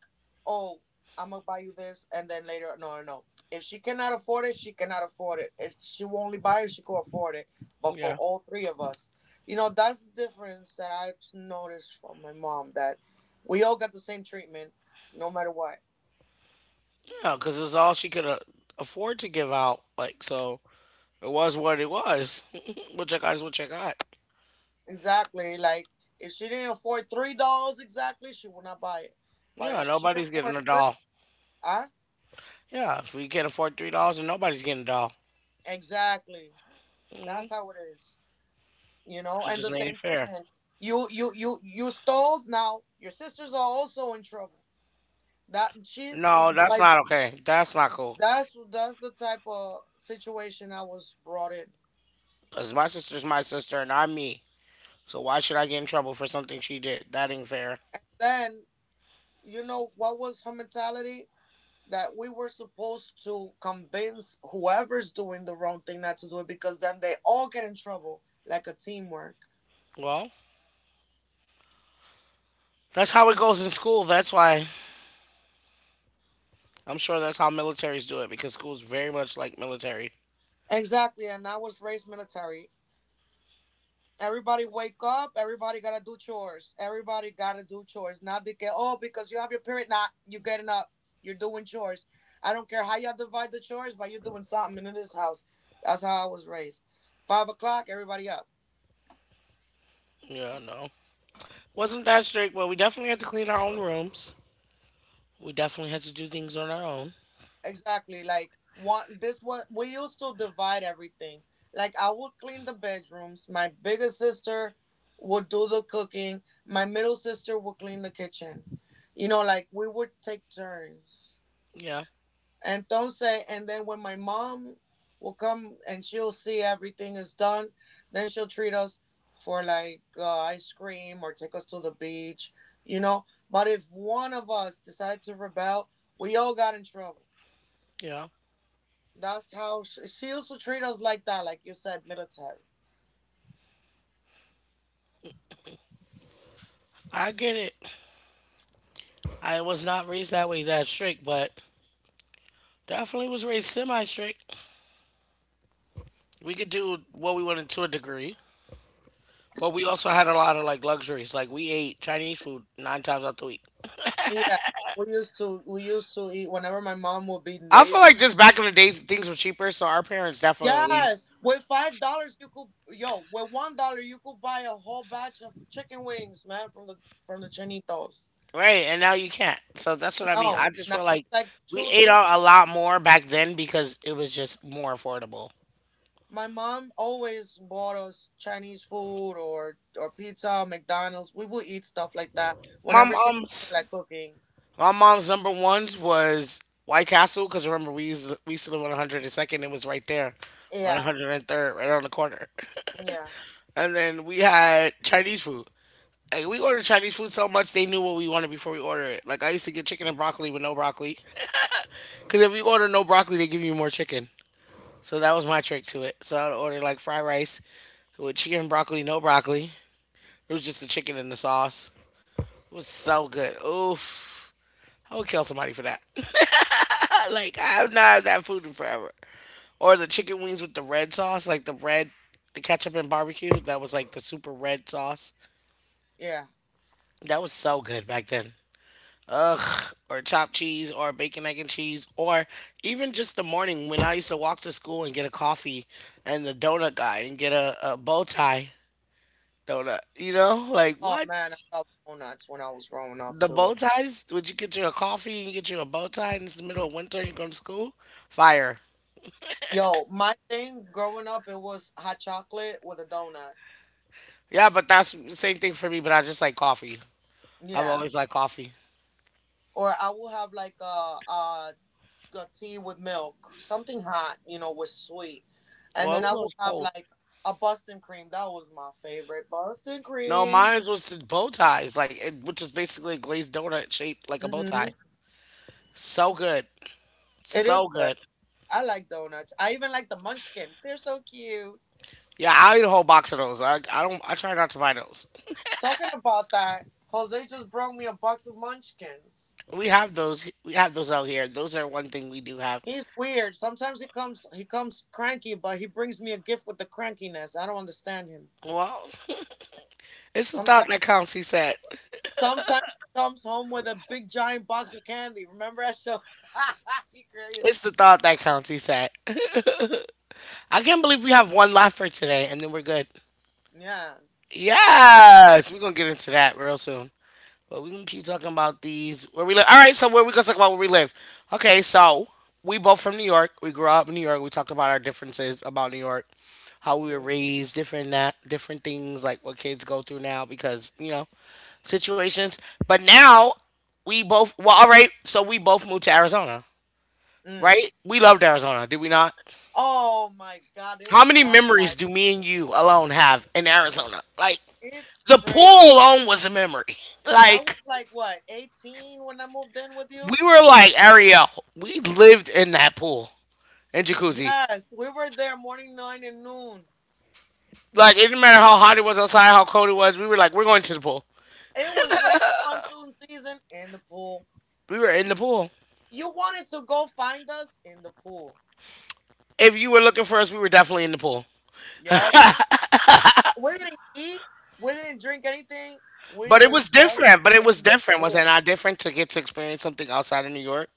oh, I'm gonna buy you this, and then later, no. No. If she cannot afford it, she cannot afford it. If she will only buy it if she could afford it. But for yeah, all three of us, you know, that's the difference that I've noticed from my mom, that we all got the same treatment, no matter what. yeah. Because it was all she could afford to give out. Like, so it was what it was. What you got is what you got. Exactly. Like if she didn't afford $3 exactly, she will not buy it. But Yeah, if she nobody's afford getting a three, doll. huh? Yeah, if we can't afford $3 and nobody's getting a doll. Exactly. Hmm. That's how it is, you know. She And just the made it same fair. treatment. You stole. Now your sisters are also in trouble. That she's No, that's like, not okay. That's not cool. that's the type of situation I was brought in. 'Cause my sister and I'm me. So why should I get in trouble for something she did? That ain't fair. Then you know what was her mentality, that we were supposed to convince whoever's doing the wrong thing not to do it because then they all get in trouble, like a teamwork. Well, that's how it goes in school. That's why I'm sure that's how militaries do it because school's very much like military. Exactly, and I was raised military. Everybody wake up. Everybody gotta do chores. Not the oh, because you have your period. Not you getting up. You're doing chores. I don't care how y'all divide the chores, but you're doing something in this house. That's how I was raised. 5 o'clock, everybody up. Yeah, no, wasn't that strict, but we definitely had to clean our own rooms. We definitely had to do things on our own. Exactly. Like one. This was, we used to divide everything. Like I would clean the bedrooms. My biggest sister would do the cooking. My middle sister would clean the kitchen. You know, like we would take turns. Yeah, Entonces, and then when my mom will come and she'll see everything is done, then she'll treat us for like ice cream or take us to the beach, you know. But if one of us decided to rebel, we all got in trouble. yeah. That's how she used to treat us like that, like you said, military. I get it. I was not raised that way that strict, but definitely was raised semi strict. We could do what we wanted to a degree, but we also had a lot of like luxuries. Like we ate Chinese food nine times out the week. Yeah, we used to eat whenever my mom would be I feel lazy. like just back in the days things were cheaper, so our parents definitely Yes, with $5 you could, yo, with $1 you could buy a whole batch of chicken wings, man, from the chinitos. right, and now you can't. So that's what I mean. No, I just not feel like like we two ate dude. out a lot more back then because it was just more affordable. My mom always bought us Chinese food or pizza, McDonald's. We would eat stuff like that My whenever she didn't feel mom's like cooking. my mom's number ones was White Castle because remember we used to live on 102nd. It was right there on Yeah, 103rd, right on the corner. yeah, And then we had Chinese food. Like we ordered Chinese food so much they knew what we wanted before we ordered it. Like I used to get chicken and broccoli with no broccoli, because if you order no broccoli, they give you more chicken. So that was my trick to it. So I'd order like fried rice with chicken and broccoli, no broccoli. It was just the chicken and the sauce. It was so good. Oof. I would kill somebody for that. Like I have not had that food in forever. Or the chicken wings with the red sauce, like the red, the ketchup and barbecue. That was like the super red sauce. yeah. That was so good back then. Ugh, or chopped cheese, or bacon, egg, and cheese, or even just the morning when I used to walk to school and get a coffee and the donut guy and get a bow tie donut. You know, like Oh what? man, I love donuts when I was growing up The bow too. ties? Would you get you a coffee and get you a bow tie and it's the middle of winter and you're going to school? Fire. Yo, my thing growing up, it was hot chocolate with a donut. Yeah, but that's the same thing for me, but I just like coffee. I've Yeah. always liked coffee. Or I will have like a tea with milk, something hot, you know, with sweet, and Well, then it I was will always have cold. like a Boston cream. That was my favorite Boston No, cream. mine was the bow ties, like it, which is basically a glazed donut shaped like a bow tie. Hmm. So good, It is so good. good. I like donuts. I even like the Munchkin. They're so cute. Yeah, I'll eat a whole box of those. I don't. I try not to buy those. Talking about that, Jose just brought me a box of Munchkins. We have those. We have those out here. Those are one thing we do have. He's weird. Sometimes he comes cranky, but he brings me a gift with the crankiness. I don't understand him. Well, it's the thought that Sometimes counts. He said. Sometimes he comes home with a big giant box of candy. Remember that show? He crazy. It's the thought that counts. He said. I can't believe we have one left for today, and then we're good. Yeah. Yes, we're gonna get into that real soon. But we can keep talking about these where we live. All right, so where we gonna talk about where we live? Okay, so we both from New York. We grew up in New York. We talked about our differences about New York, how we were Hmm. raised, different things like what kids go through now because you know situations. But now all right. So we both moved to Arizona, Mm. right? We loved Arizona, did we not? Oh my God, it How was many memories paradise. do me and you alone have in Arizona? Like It's the crazy. pool alone was a memory. I Like was like, what, 18 when I moved in with we you? were like Ariel. We lived in that pool and jacuzzi. Yes, we were there morning, nine, and noon. Like it didn't matter how hot it was outside, how cold it was. We were like, we're going to the pool. It was rain monsoon season in the pool. We were in the pool. You wanted to go find us in the pool. If you were looking for us, we were definitely in the pool. Yup. We didn't eat. We didn't drink anything. We was just But it was in the different. Was it pool. not different to get to experience something outside of New York?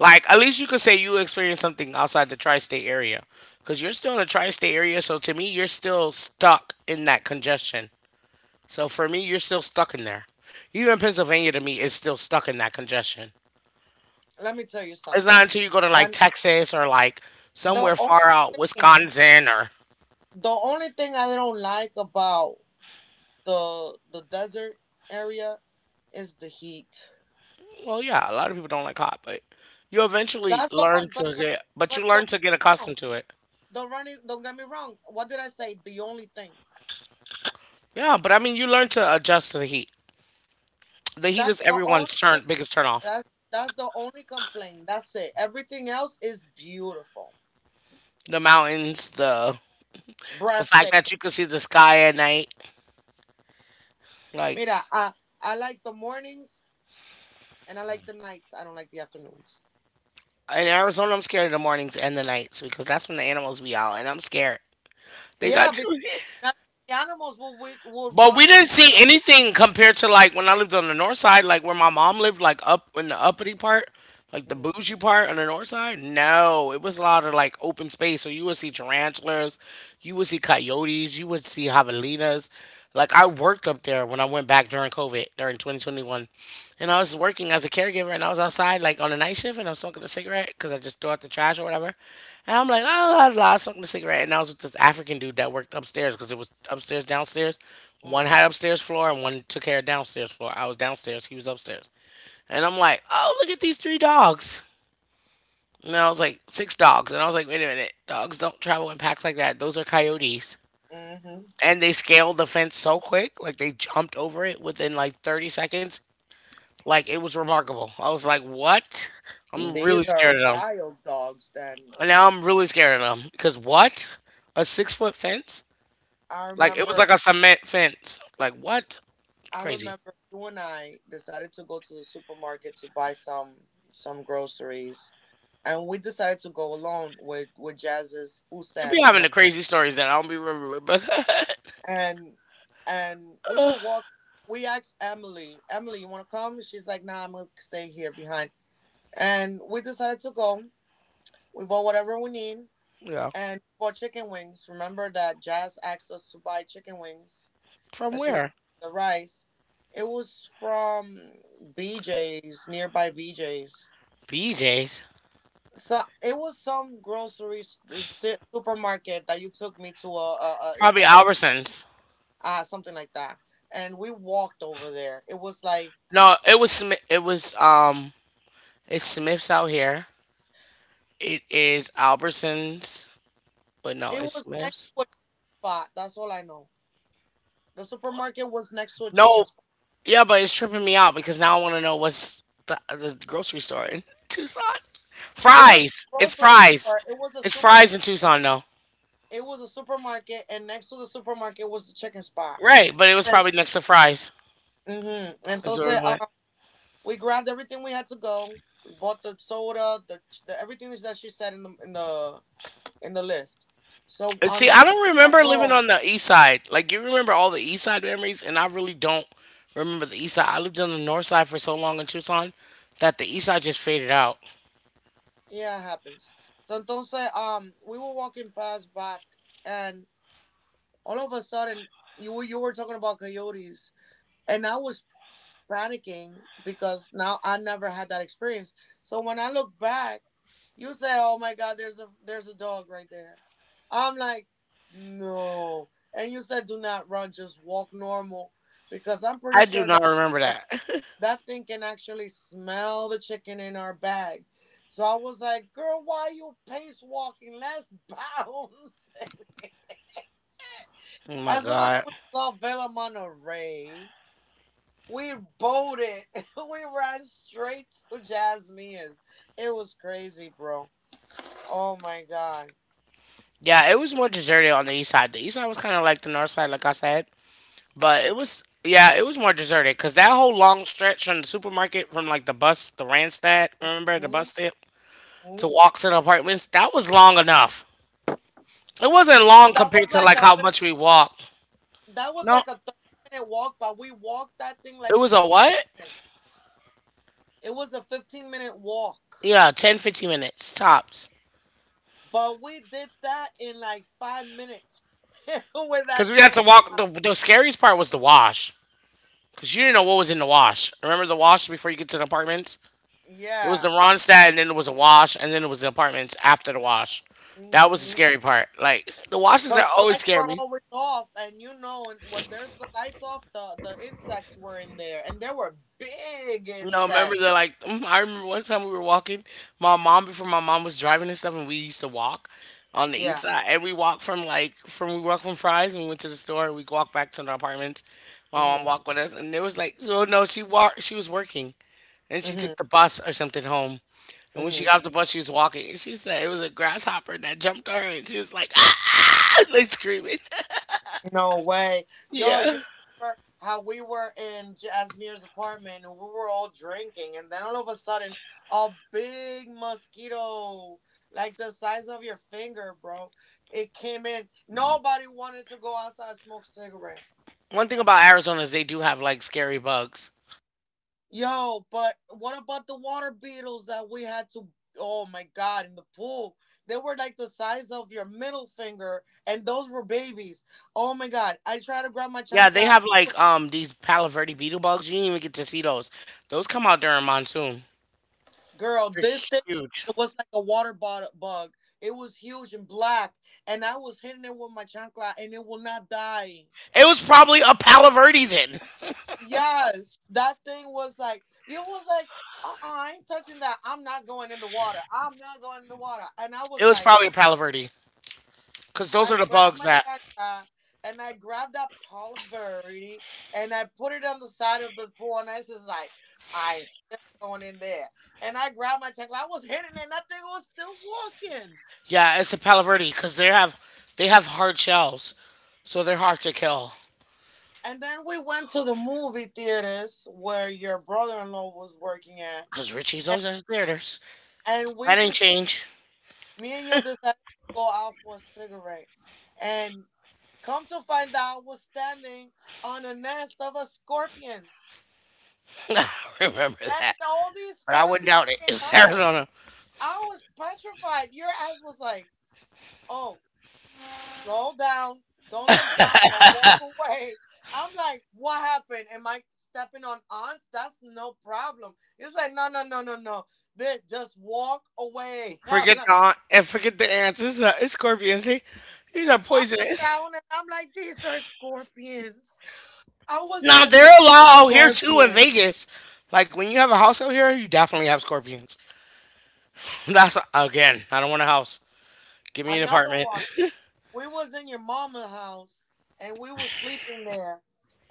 Like at least you could say you experienced something outside the tri-state area, because you're still in the tri-state area. So to me, you're still stuck in that congestion. So for me, you're still stuck in there. Even Pennsylvania to me is still stuck in that congestion. Let me tell you It's not something. until you go to like When Texas or like the somewhere only far out, thing, Wisconsin or the only thing I don't like about the desert area is the heat. well, yeah, a lot of people don't like hot, but you eventually That's the learn o- to get, but you but learn don't get to me get wrong. accustomed to it. Don't run it, don't get me wrong. What did I say? The only thing. Yeah, but I mean, you learn to adjust to the heat. The heat That's is the only everyone's thing. turn biggest turn off. That's the only complaint. That's it. Everything else is beautiful, The mountains, the fact breathtaking. that you can see the sky at night. Like Mira, I like the mornings and I like the nights. I don't like the afternoons. in Arizona, I'm scared of the mornings and the nights because that's when the animals be out, and I'm scared. They Yeah. got too. Not the animals would But we want to didn't be on see the. anything compared to like when I lived on the north side, like where my mom lived, like up in the uppity part, like the bougie part on the north side. No, it was a lot of like open space. So you would see tarantulas, you would see coyotes, you would see javelinas. Like I worked up there when I went back during COVID, during 2021. And I was working as a caregiver, and I was outside like on a night shift, and I was smoking a cigarette because I just threw out the trash or whatever. And I'm like, "oh, blah, blah, blah," I was smoking a cigarette, and I was with this African dude that worked upstairs because it was upstairs, downstairs. One Mm, had upstairs floor, and one took care of downstairs floor. I was downstairs, he was upstairs, and I'm like, oh, look at these three dogs. And I was like, six dogs, and I was like, wait a minute, dogs don't travel in packs like that. Those are coyotes, mm, hmm and they scaled the fence so quick, like they jumped over it within like 30 seconds. Like it was remarkable. I was like, "What?" I'm really These are scared of them. wild dogs. Then And now I'm really scared of them because what? A 6-foot fence? I Like it was remember, like a cement fence. Like what? I Crazy. remember you and I decided to go to the supermarket to buy some groceries, and we decided to go alone with Jazz's food You be stamps. having the Remember, crazy stories that I don't be remembering. But and and we were walking. We asked Emily, Emily, you want to come? She's like, nah, I'm gonna stay here behind. And we decided to go. We bought whatever we need, yeah, and we bought chicken wings. Remember that Jazz asked us to buy chicken wings from because she was where? making the rice. It was from BJ's, nearby BJ's. BJ's. So it was some supermarket that you took me to. A it's Probably like a Albertsons. Something like that, and we walked over there. It was like No, it was Smith. It's Smiths out here. It is Albertsons, but no, it it's was next Smiths. to a spot. That's all I know. The supermarket was next to a chicken No, spot. yeah, but it's tripping me out because now I want to know what's the grocery store in Tucson. It was Fries. a It's grocery fries. store. It was a It's fries in supermarket. Tucson though. It was a supermarket, and next to the supermarket was the chicken spot. Right, but it was And probably next to fries. mm-hmm. Is where we Entonces, went. We grabbed everything we had to go. We bought the soda, the everything that she said in the list. So And on see, our I way don't back remember living home, on the east side. Like you remember all the east side memories, and I really don't remember the east side. I lived on the north side for so long in Tucson that the east side just faded out. yeah, it happens. So entonces, we were walking past back, and all of a sudden, you were talking about coyotes, and I was panicking because now I never had that experience. So when I look back, you said, "Oh my God, there's a dog right there." I'm like, "No," and you said, "Do not run, just walk normal," because I'm pretty I do sure not that remember that. that thing can actually smell the chicken in our bag. So I was like, "Girl, why you pace walking? Let's bounce." Oh my As soon as god. we saw Vela Monterey, we bolted. We ran straight to Jasmine's. It was crazy, bro. Oh my god. Yeah, it was more deserted on the east side. The east side was kind of like the north side, like I said. But it was, yeah, it was more deserted because that whole long stretch from the supermarket, from like the bus, the Randstad, remember the bus Mhm. stop to walk to the apartments, that was long enough. It wasn't long That compared was to like like a how fif- much we walked. that was No, like a 30 minute walk, but we walked that thing it like in was a fifteen what? minutes. It was a 15 minute walk, Yeah, 10, 15 minutes tops. but we did that in like 5 minutes with Because that we had to dog. walk. The scariest part was the wash. Because you didn't know what was in the wash. Remember the wash before you get to the apartments? It was the Yeah. Ronstadt, and then it was a wash, and then it was the apartments after the wash. That was the Mm-hmm. scary part. Like, the washes Because are the always lights were scary. always off, and you know, and when there's the lights off, the insects were in there, and there were big No, remember insects. they're like I remember one time we were walking, my mom before my mom was driving and stuff, and we used to walk on the east Yeah. side, and we walked from Fry's, and we went to the store, and we walked back to the apartments. My mom Mhm. walked with us, and it was like, so no, she walked, she was working, and she Mhm. took the bus or something home, and when she got Mhm. off the bus, she was walking, and she said it was a grasshopper that jumped on her, and she was like, ah, like screaming, No way, yo! You yeah. remember how we were in Jasmine's apartment, and we were all drinking, and then all of a sudden, a big mosquito, like the size of your finger, bro, it came in. Nobody wanted to go outside and smoke cigarette. One thing about Arizona is they do have like scary bugs. Yo, but what about the water beetles that we had to? Oh my god, in the pool. They were like the size of your middle finger, and those were babies. Oh my god, I tried to grab my Yeah, they chancla. have like these Palo Verde beetle bugs. You didn't even get to see those. Those come out during monsoon. Girl, They're this thing huge. was like a bug. It was huge and black, and I was hitting it with my chancla, and it will not die. It was probably a Palo Verde then. Yes, that thing was like, it was like, I ain't touching that. I'm not going in the water. I'm not going in the water. And I It was was like, probably a Palo Verde because those I are the grabbed bugs my that. chancla and I grabbed that Paul Verde and I put it on the side of the pool, and I was just like, I ain't still going in there. And I grabbed my chancla. I was hitting it, and that thing was still walking. Yeah, it's a Palo Verde because they have hard shells, so they're hard to kill. And then we went to the movie theaters where your brother-in-law was working at. Because Richie's always has theaters. And That we didn't just, change. me and you decided to go out for a cigarette. And come to find out, I was standing on a nest of a scorpions, I remember that, and all these but I wouldn't scorpions doubt it. came It was out. Arizona. I was petrified. Your ass was like, oh, slow down. Don't look down, but walk away. I'm like, what happened? Am I stepping on ants? That's no problem. It's like, no, no, no, no, no. They just walk away. I'm Forget like, the aunt and forget the ants. It's scorpions. These are I look poisonous. down and I'm like, these are scorpions. I was in Now a there net are a of lot out here too in scorpions. Vegas. Like when you have a house out here, you definitely have scorpions. That's again, I don't want a house. Give me an Another apartment. one. We was in your mama house, and we was sleeping there.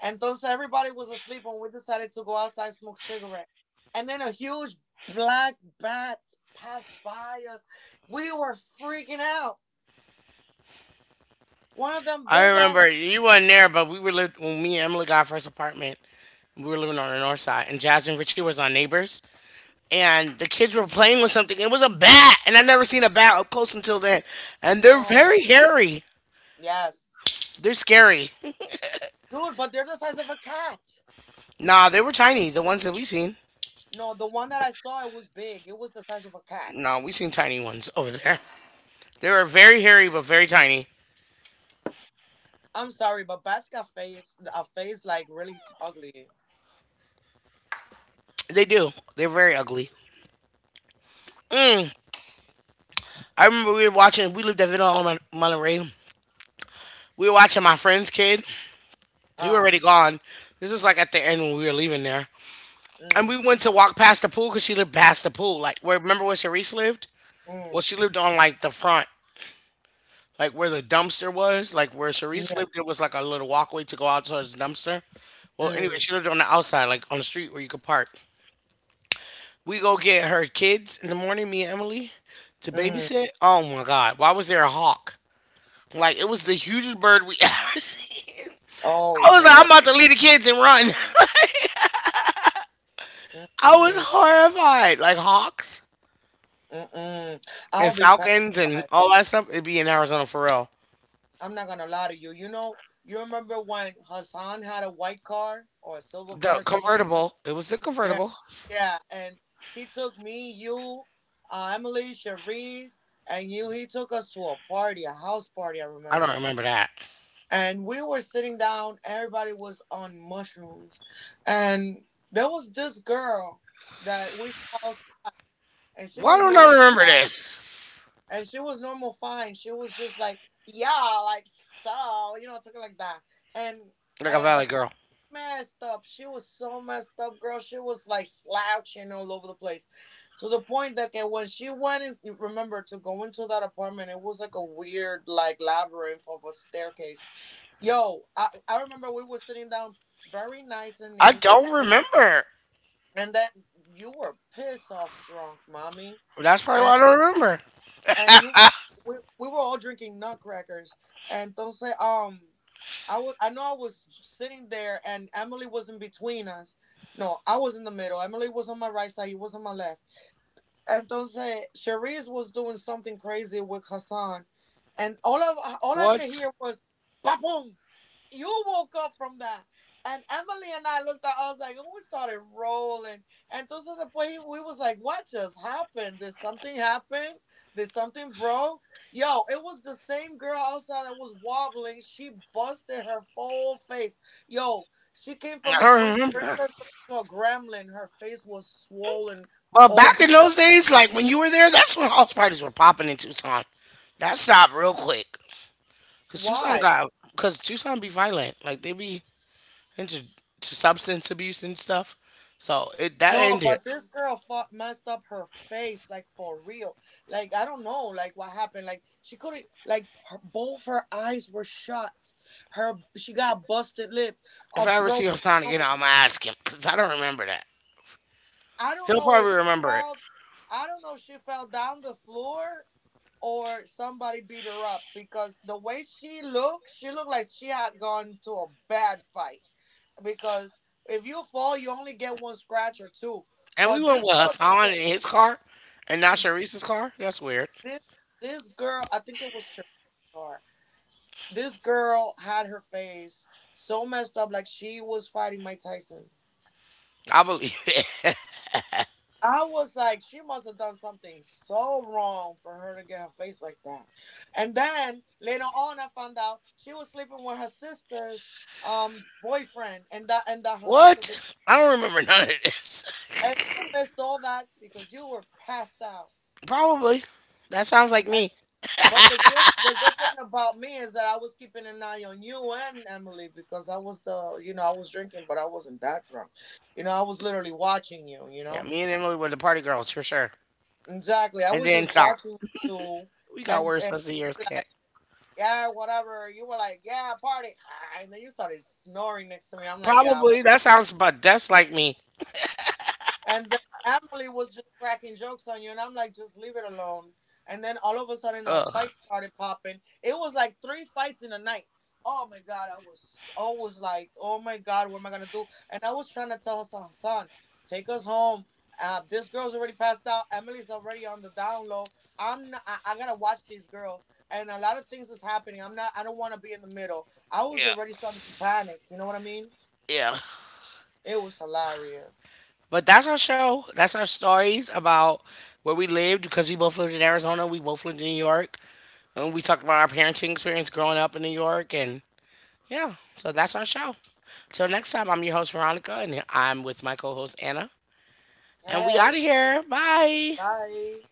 Entonces everybody was asleep when we decided to go outside smoke cigarette. And then a huge black bat passed by us. We were freaking out. One of them I big ass remember you weren't there, but we were lived when me and Emily got our first apartment. We were living on the north side, and Jazz and Richie was our neighbors. And the kids were playing with something. It was a bat, and I never seen a bat up close until then. And they're no. very hairy. Yes. They're scary. Dude, but they're the size of a cat. Nah, they were tiny. The ones that we seen. No, the one that I saw it was big. It was the size of a cat. No, we seen tiny ones over there. They were very hairy but very tiny. I'm sorry, but bats got face like really ugly. They do. They're very ugly. Mm. I remember we were watching. We lived at Villa on Monterey. We were watching my friend's kid. He was Uh already gone. This was like at the end when we were leaving there, and mm, we went to walk past the pool because she lived past the pool. Like, where remember where Sharice lived? Well, mm, she lived on like the front, like where the dumpster was. Like where Sharice yeah. lived, there was like a little walkway to go out towards the dumpster. Well, anyway, Mm, she lived on the outside, like on the street where you could park. We go get her kids in the morning, me and Emily, to mm. babysit. Oh my God, why was there a hawk? Like it was the hugest bird we ever seen. Oh I was like, I'm no. about to leave the kids and run. I was Mm-mm, horrified. Like hawks mm-mm. I'll and be falcons and petrified. all that stuff. It'd be in Arizona for real. I'm not gonna lie to you. You know, you remember when Hassan had a white car or a silver car The or something? Like convertible. It was the yeah. convertible. Yeah, and he took me, you, Emily, Cherise, and you. He took us to a party, a house party, I I don't remember. remember that. And we were sitting down, everybody was on mushrooms. And there was this girl that we saw outside, and she Why was don't I normal. remember this? And she was normal, fine. She was just like, yeah, like so, you know, talking like that. And Like a and valley but she girl. messed up. She was so messed up, girl. She was like slouching all over the place, to the point that okay, when she went in, remember to go into that apartment, it was like a weird like labyrinth of a staircase. Yo, I remember we were sitting down very nice and I neat, don't and then remember. and then you were piss off drunk, mommy, That's probably why I don't remember. and you we were all drinking nutcrackers and do say I would, I know I was sitting there, and Emily was in between us. No, I was in the middle. Emily was on my right side, he was on my left. Entonces Cherise was doing something crazy with Hassan, and all I could What? hear was boom. You woke up from that. And Emily and I looked at, I was like, and we started rolling. And entonces después we was like, what just happened? Did something happen? Did something broke? Yo, it was the same girl outside that was wobbling. She busted her full face. Yo, she came I from a don't pretty remember. princess to a gremlin. Her face was swollen, Well, all back in beat those up. days, like when you were there, that's when house parties were popping in Tucson. That stopped real quick. Cause Tucson Why? got, cause Tucson be violent. Like they be into to substance abuse and stuff. So it that No, ended. but this girl messed up her face, like for real. Like I don't know, like what happened. Like she couldn't, like her, both her eyes were shut. Her she got a busted lip, If a I ever see broken Hassan again, nose. I'm gonna ask him. Cause I don't remember that. I don't He'll know if probably she remember it. fell. I don't know if she fell down the floor or somebody beat her up, because the way she looked like she had gone to a bad fight. Because if you fall, you only get one scratch or two. And we But this went with girl looked Hassan at. in his car, and not Sharice's car. That's weird. this this girl, I think it was Sharice Star. This girl had her face so messed up, like she was fighting Mike Tyson. I believe it. I was like, she must have done something so wrong for her to get her face like that. And then later on, I found out she was sleeping with her sister's boyfriend, and that her sister did. What? I don't remember none of this. And you missed all that because you were passed out. Probably. That sounds like me. But the good thing about me is that I was keeping an eye on you and Emily, because I was the, you know, I was drinking but I wasn't that drunk. You know I was literally watching you. You Yeah, know me and Emily were the party girls for sure. exactly. I It was didn't just stop. watching you, We got and worse and as the you years were like kept. yeah whatever. You were like yeah party, ah, and then you started snoring next to me. I'm like yeah well, Probably. oh That my god. sounds about that's like me. And then Emily was just cracking jokes on you, and I'm like, just leave it alone. And then all of a sudden, a Ugh. fight started popping. It was like three fights in a night. Oh my god, I was always like, oh my god, what am I gonna do? And I was trying to tell Hassan, Hassan, take us home. This girl's already passed out. Emily's already on the down low. I'm not. I gotta watch these girls. And a lot of things is happening. I'm not. I don't want to be in the middle. I was Yeah, already starting to panic. You know what I mean? yeah. It was hilarious. But that's our show. That's our stories about where we lived because we both lived in Arizona. We both lived in New York. And we talked about our parenting experience growing up in New York. And yeah, so that's our show. Till next time, I'm your host, Veronica, and I'm with my co host, Anna. And we out Hey, of here. Bye. bye.